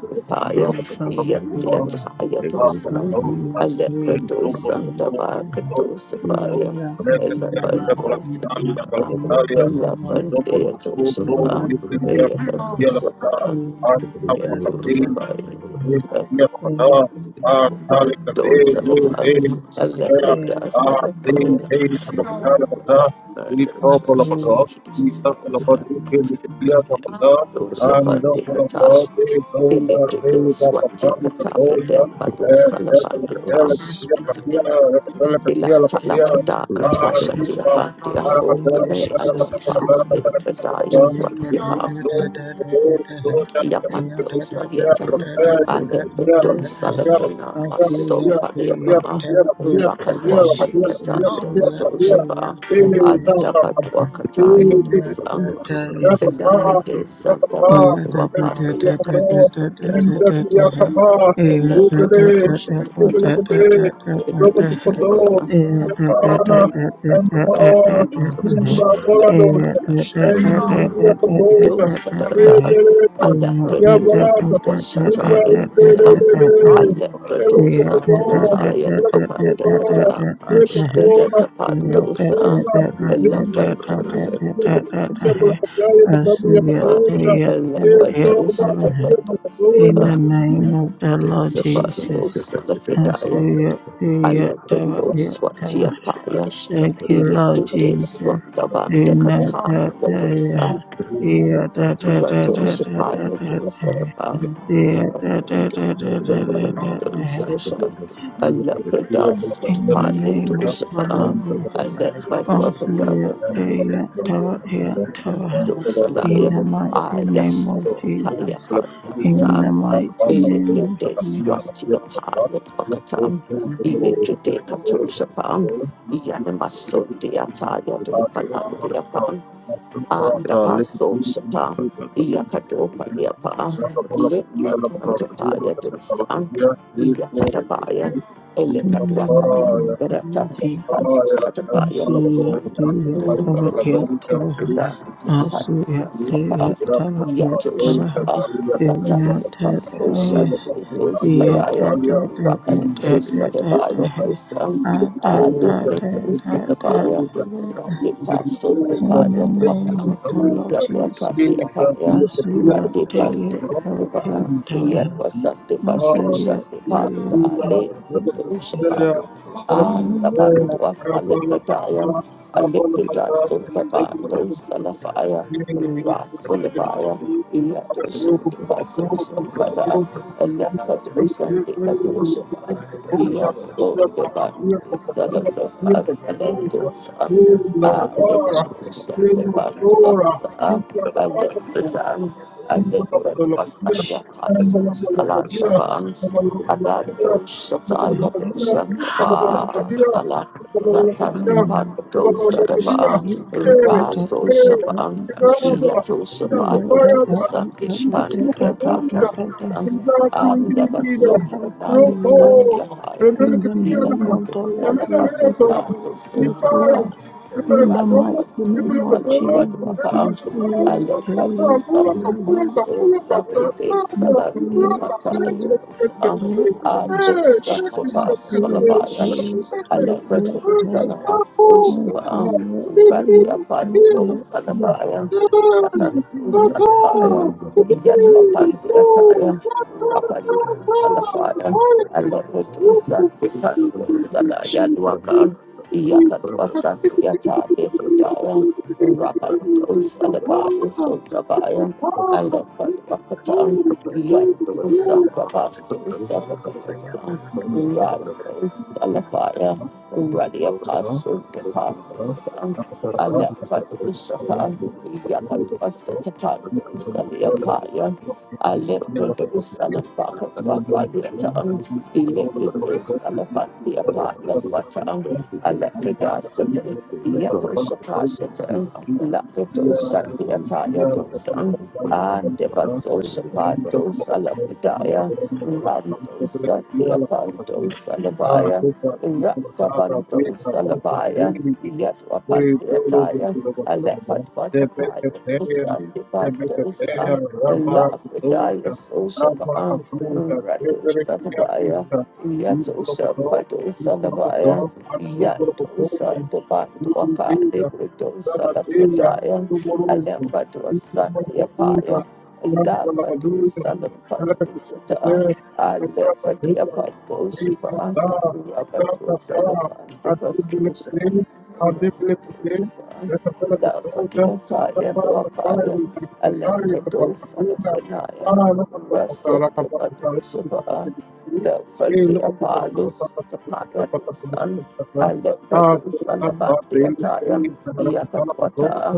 S11: Thank
S1: Yandiataya Dosan,
S9: something that we would
S1: Alepredo,
S8: Thank
S9: like to
S1: Sandavaka
S9: have.
S8: you.
S9: We love
S1: Dosapaya,
S9: that in our lives
S1: Elapando,
S9: and not
S1: Sipa,
S9: getting more
S1: Elafantea
S9: than so we
S1: Dosapa,
S9: never have
S1: Ayaka Dosapa,
S9: we that that that and
S8: Thank you.
S9: that
S8: Thank
S1: Yadosapaya
S9: that
S1: Pardon, son of
S9: that
S1: a
S5: Jesus.
S1: Alecrida,
S9: and
S1: son of
S5: But it's
S9: us
S5: first,
S9: we
S5: he can see him of how to fast. make
S1: Kata,
S5: sure
S1: Electrical Swati
S5: you can
S1: Kata for them, Bado
S5: Parts
S1: Salafandi
S5: enough to
S1: Pam,
S5: speak the word. God
S9: and what the
S1: Electala
S9: name of
S1: Frida
S9: the Lord
S1: Katwasha
S5: is
S9: is.
S5: with the
S1: Tiafandi,
S9: Thank
S1: Alo
S11: you.
S1: Brunei,
S5: Jesus
S1: Alo
S5: say
S1: Pa,
S5: something.
S11: Thank
S1: Electrida, Yapando
S8: you.
S1: Saliatan, Alepedo Salafrina, Maso Paliaba, Rakalua
S5: Jesus.
S1: Paliata, Depato Shaba,
S9: you.
S1: Adabatua Kataya Dosa, Sedapete
S9: Yeah,
S1: Santabantua Pandia Kantua Pate Katosha, Elabatu Saliba,
S8: Thank you.
S1: Pete
S8: Rodopodo,
S1: Saliba,
S8: Nepana, and Paara,
S11: you.
S8: Ninagorados, and
S1: Rakan
S11: Thank
S8: Nibriapodosa,
S1: dosa dardas
S8: Yebereka,
S1: alla produsa
S8: Yabaraka,
S1: washata yadusa
S8: Yubarindere,
S1: alla produsa
S8: Elepodo,
S1: yata yadu apanda
S8: Elepodo,
S1: kata
S8: Lepopona,
S1: urata
S9: in
S1: pandosa
S8: Lepopona,
S9: the
S1: alla pandosa pandosa pa
S8: Yabaraka,
S1: alla
S8: Esto,
S1: pandosa pandosa
S8: Baraka,
S1: pa
S9: name of the Lord
S1: dosa
S9: Jesus.
S1: pandosa la fridaya alla produsa watia paya
S9: Thank you,
S1: Ile
S9: Lord
S1: tude
S8: Yabaraka,
S1: swanda banda
S8: Thank
S1: kata yadosa, Rato Shapaya Dosalaba, Raka Dosalaba,
S9: Jesus.
S1: Dosalaba, Alapada
S9: In the
S1: Sutpali
S9: name of the
S1: Dosapa,
S9: Lord, Jesus,
S1: Alepa
S9: Osuya, Eya,
S1: Dwapata
S9: Tawa, Eya,
S11: you.
S9: Tawa. In
S1: Dosalaya,
S9: the mighty name of
S1: Ayaso Palia
S9: Jesus. In
S1: Pandakata,
S9: the mighty name of
S1: Electric Day
S9: Jesus.
S1: Swati the Pilot Pakatam, Electric Day
S8: you.
S1: Katosha Pam, Yanamaso de Ataya do
S11: Thank
S1: Palandia anda paso sapa yakato paliapa limba tuatapaya dosa yatatapaya
S9: In the
S1: elekatuaka
S9: name of the
S1: rata
S9: Lord
S1: halu
S9: Jesus.
S1: satapaya
S9: Osuya,
S1: dosa
S9: Eya, Tawa, Eya, Tawa. Osuya, Eya, Tawa, Eya,
S1: Yatosha,
S9: Tawa.
S1: Ratan, Paso,
S9: Hinata,
S1: Shanti,
S9: Yeah,
S1: Sadaya,
S9: da da da da
S1: Rakan,
S9: da da
S8: Thank
S9: da that
S1: Sadabaya,
S8: you.
S9: hey.
S1: Dosan,
S8: Thank
S9: Ah, da
S1: Ali,
S9: that. da da that da
S1: Sadabaya,
S9: da.
S1: Yes, so the
S9: In
S1: band, the
S9: the
S1: love of us,
S9: name of the Lord Jesus, Masuya Deya Deya
S8: you.
S9: Deya
S8: Thank
S9: Masuya Deya Deya Deya.
S1: and then those, um, Ah, Limbadu Sandapandu Akata,
S8: you.
S10: Thank
S1: Alimbadan,
S8: Thank
S1: Alimbadu Asaya Pandu Salandaban, Adando Shataya Shandaba, Salah,
S9: Amen.
S1: Ratandipandu Sadaba, Rato Shaban, Yato Shapayado Sandipan, Yataya
S8: you.
S1: Shan, Andabaso Naya Swantia Haya,
S9: In the name of the
S1: Ilapadu
S9: Lord Jesus, it
S1: Salapandu
S9: is set,
S1: Sandu Sotapa,
S9: Lord.
S1: Thank
S9: In the mighty name of Jesus, Messiah,
S10: you. Thank
S1: you.
S5: Jesus.
S1: Alefredosanamasosapa,
S9: Messiah, Messiah,
S1: Ratiapandosanabaya,
S9: Messiah, Messiah,
S8: Hey,
S1: Yakandosanabaya,
S8: Three,
S9: Messiah,
S8: two,
S1: Yatwapandiataya, Rapandosalafaya, Alefredosandipandosalayadwaka, Yakatwasandiatalefredaya,
S11: you.
S1: Rapandosalabaya, Sotabaya,
S11: Thank
S1: Alefredwakatan, Yandosanabaya, Sabakatata, Rapandosalafaya, Ready apostle departments and Alepadusaka, Yakatuasetapandos,
S8: one,
S1: Aliapaya,
S8: one,
S1: Alepredus,
S8: one.
S1: Alapakatuafaliatan, Elepredus, Alapandiapayan, Watan, Alepredasata, Yapushapashata, Lapredosatiataya dosan, and
S10: you.
S11: you.
S1: Devasoshapando, Salapredaya, Randosa, Deapandos, Rasabanto Salabaya,
S8: We do look
S1: Yatwapandiataya,
S8: into the Batrabha. They make
S1: Alepatwatapaya,
S8: a prayer. They make a prayer.
S1: Sandipandosa, Lafridaya
S8: Rabarakututa.
S1: Sosaba,
S8: Rabarakututa.
S10: Thank
S1: Rato Salabaya,
S8: Reberakiyakuta.
S1: Yato
S8: Ibrabado.
S1: Shampato Salabaya,
S8: Ibrabado.
S1: Yanto
S8: Akubrabatuta.
S1: Sandabanduaka,
S8: Ibidida.
S1: Librito
S8: Rabadila.
S1: Salafridaya,
S8: Tuburutu.
S1: Alepatwa
S8: Ibrabatuta.
S1: Sandiapaya, Lambato
S8: Rabarakututa.
S1: Salapatu Sata. Alle von dir
S8: Rabarakututa.
S1: Apostelbar, Rabadosa, Lafandisa, Sosa, Rabadosa, La von dir Taya, Lopaya, Alembradosa, Lafanaya, Rasun, Rabadosa, La von dir Malus, Tapaya, Dosan, Alembradosa, Lamandia Taya, Yakatwata,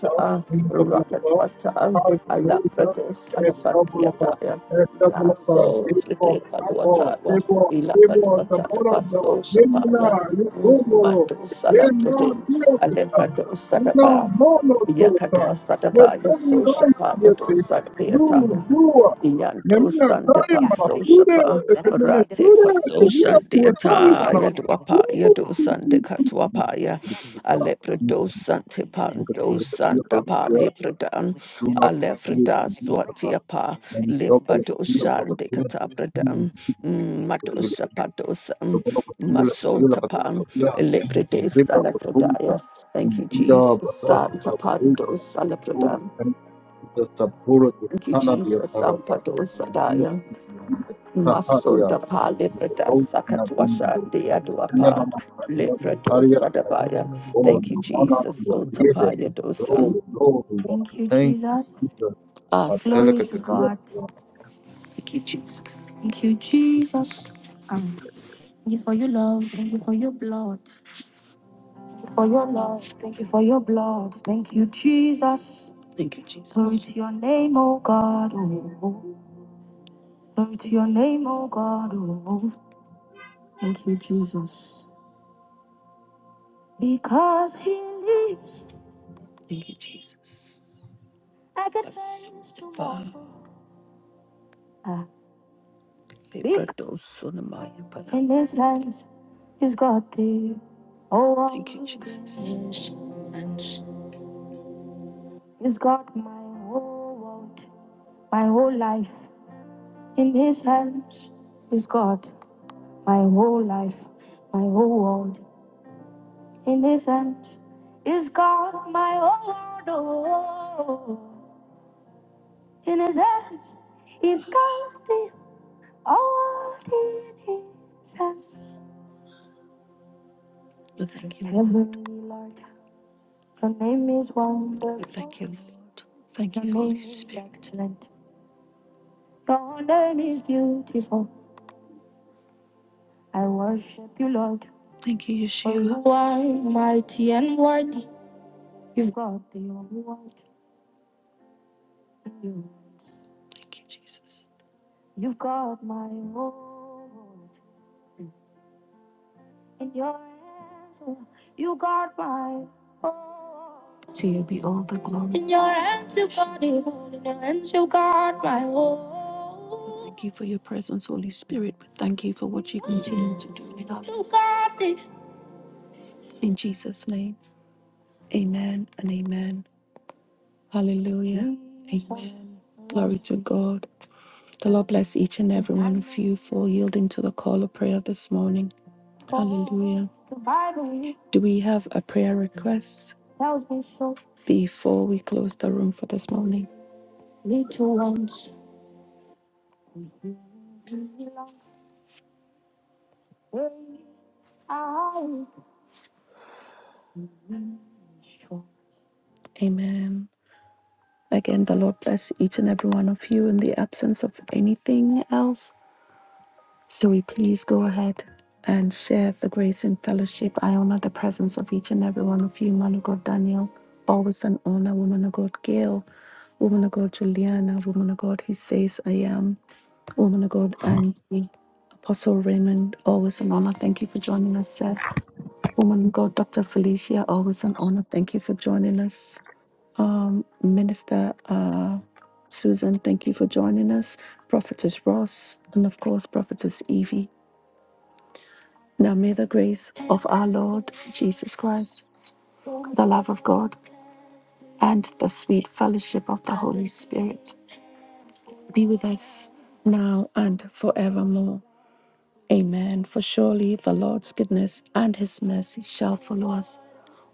S1: Rocketwata, Rocketwata,
S8: Hallelujah.
S1: Alabrados,
S8: It's double upon,
S1: Alafandia
S8: it's
S1: La
S8: double upon,
S1: so
S8: it's for,
S1: frite
S8: not for,
S1: paluataya,
S8: it's for, it's for the
S1: ilakatuata the
S8: mother of God.
S1: paso,
S8: Yemina,
S1: shapaya,
S8: Yesugoro,
S1: matu sala
S8: Yemina,
S1: frite,
S8: Yosuka,
S1: alempado
S8: Yemina,
S1: satapa,
S8: Mono
S1: yakatu
S8: Soka,
S1: satapa, your social
S8: Yesugoro,
S1: part, your two
S8: Yesi,
S1: Sunday
S8: Yu,
S1: attire,
S8: Yua,
S1: Yanto
S8: Yemina,
S1: Sante Got it
S8: Taima,
S1: Paso right.
S8: Sude,
S1: Shapa Then it's
S8: Yemina,
S1: going to be this Rate way.
S8: Sude,
S1: Paso
S8: Yemina,
S1: Sante
S8: Sude,
S1: Ata
S8: Taima,
S1: Yaduapa
S8: Yu,
S1: Yado
S8: Yu,
S1: Sante
S8: Yu,
S1: Katuapaya Alepredo
S8: Yu.
S1: Sante
S8: Look at the
S1: Pando
S8: look at the look
S1: Santa
S8: at
S1: Pa
S8: the look
S1: Lepredan
S8: at the look
S1: Alefreda
S8: at the
S1: Swatiapa
S8: ما مستوى ولا
S1: Limbado
S8: قصير ولا
S1: Sante
S8: قصير.
S1: Katapredan Madosa Padosan Mason Tapan Lepredes Alefredaya Thank you, Jesus. Santa Pando Salapredan. Thank you, Jesus. Sampadosadaya. Masunda pa librata sakatwasha
S10: you.
S1: deaduapa librato sadabaya. Thank you, Jesus. Sotapaya dosan. Thank you,
S8: Thank you,
S1: Jesus.
S8: Jesus.
S1: Awesome. Glory to God.
S8: Atelekatepia.
S1: Thank you, Jesus. Thank you, Jesus. Um, Thank you for your love. Thank you for your blood. Thank you for your love. Thank you for your blood. Thank you, Jesus. Thank you, Jesus. Glory Jesus. to your name, oh God. Oh, oh. glory to your name, oh God. Oh, oh. thank you, Jesus. Because he lives, Thank you, Jesus. I got Yes, friends to walk. Father. walk. Ah, because in his hands, he's got the whole world. Thank you, world in his hands. He's got my whole world, my whole life in his hands. He's got my whole life, my whole world in his hands. He's got my whole world. Oh. In his hands, he's got the award in his hands. We Thank you, Lord. Heavenly Lord, your name is We wonderful. Thank you. Lord. Thank Your you, Holy name is Spirit. excellent. Your name is beautiful. I worship you, Lord, for Sheila. you are mighty and worthy. You've got the whole world in your hands. You've got my whole world. in your hands. oh, You guard my oh. To you be all the glory. In your hands you guard it all. In your hands you guard my whole. Thank you for your presence, Holy Spirit. We thank you for what you continue to do in our You lives. it. In Jesus' name, amen and amen. Hallelujah. Amen. Glory to God. The Lord bless each and every one of you for yielding to the call of prayer this morning. Hallelujah. Do we have a prayer request before we close the room for this morning? Amen. Again, the Lord bless each and every one of you in the absence of anything else. Shall we please go ahead and share the grace and fellowship? I honor the presence of each and every one of you, man of God Daniel, always an honor, woman of God Gail, woman of God Juliana, woman of God He says I am, woman of God Angie, Apostle Raymond, always an honor. Thank you for joining us, sir. Woman of God Dr. Felicia, always an honor. Thank you for joining us. Um, Minister uh, Susan, thank you for joining us. Prophetess Ross, and of course, Prophetess Evie. Now may the grace of our Lord Jesus Christ, the love of God, and the sweet fellowship of the Holy Spirit be with us now and forevermore. Amen. For surely the Lord's goodness and his mercy shall follow us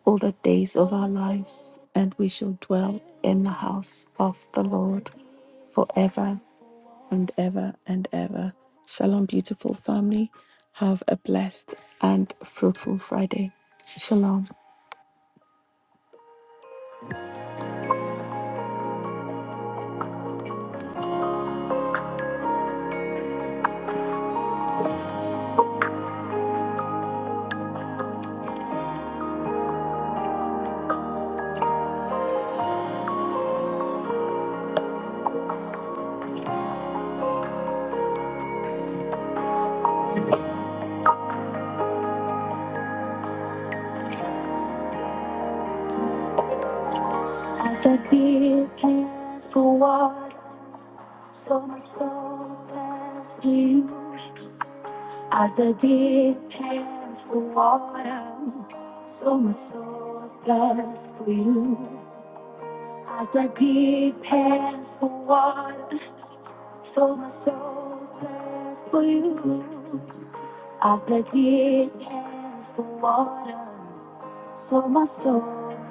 S1: all the days of our lives, and we shall dwell in the house of the Lord forever and ever and ever. Shalom, beautiful family. Have a blessed and fruitful Friday. Shalom. As the deep pants for water, so my soul pants for you. As the deep pants for water, so my soul pants for you. As the deep pants for water, so my soul pants for you. As the deep pants for water, so my soul pants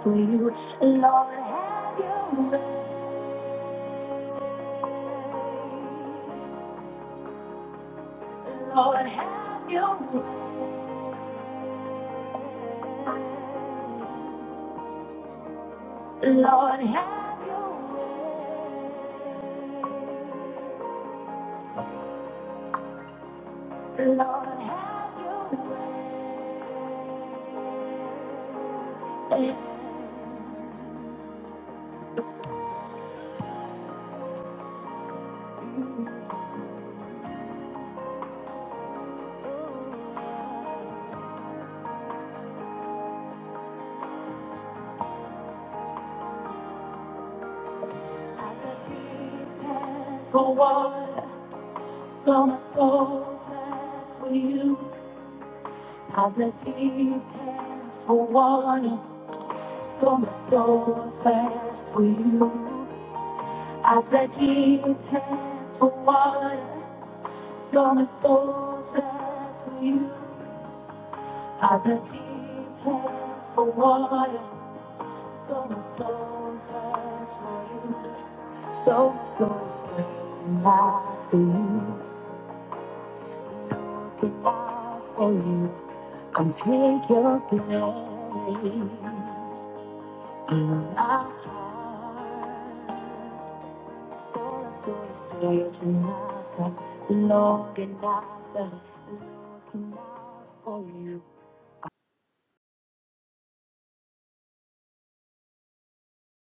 S1: for you. Lord, have your way. Lord, have your way, Lord, have the deepest for water. So my soul thirsts for you. As the deepest for water. So my soul thirsts for you. As the deepest for water. So my soul thirsts for you. As the deepest for water. So my soul says for you. So my soul says after you. Looking out for you. Come take your place. In our hearts. So my soul says I'm after. Looking after. Looking out for you.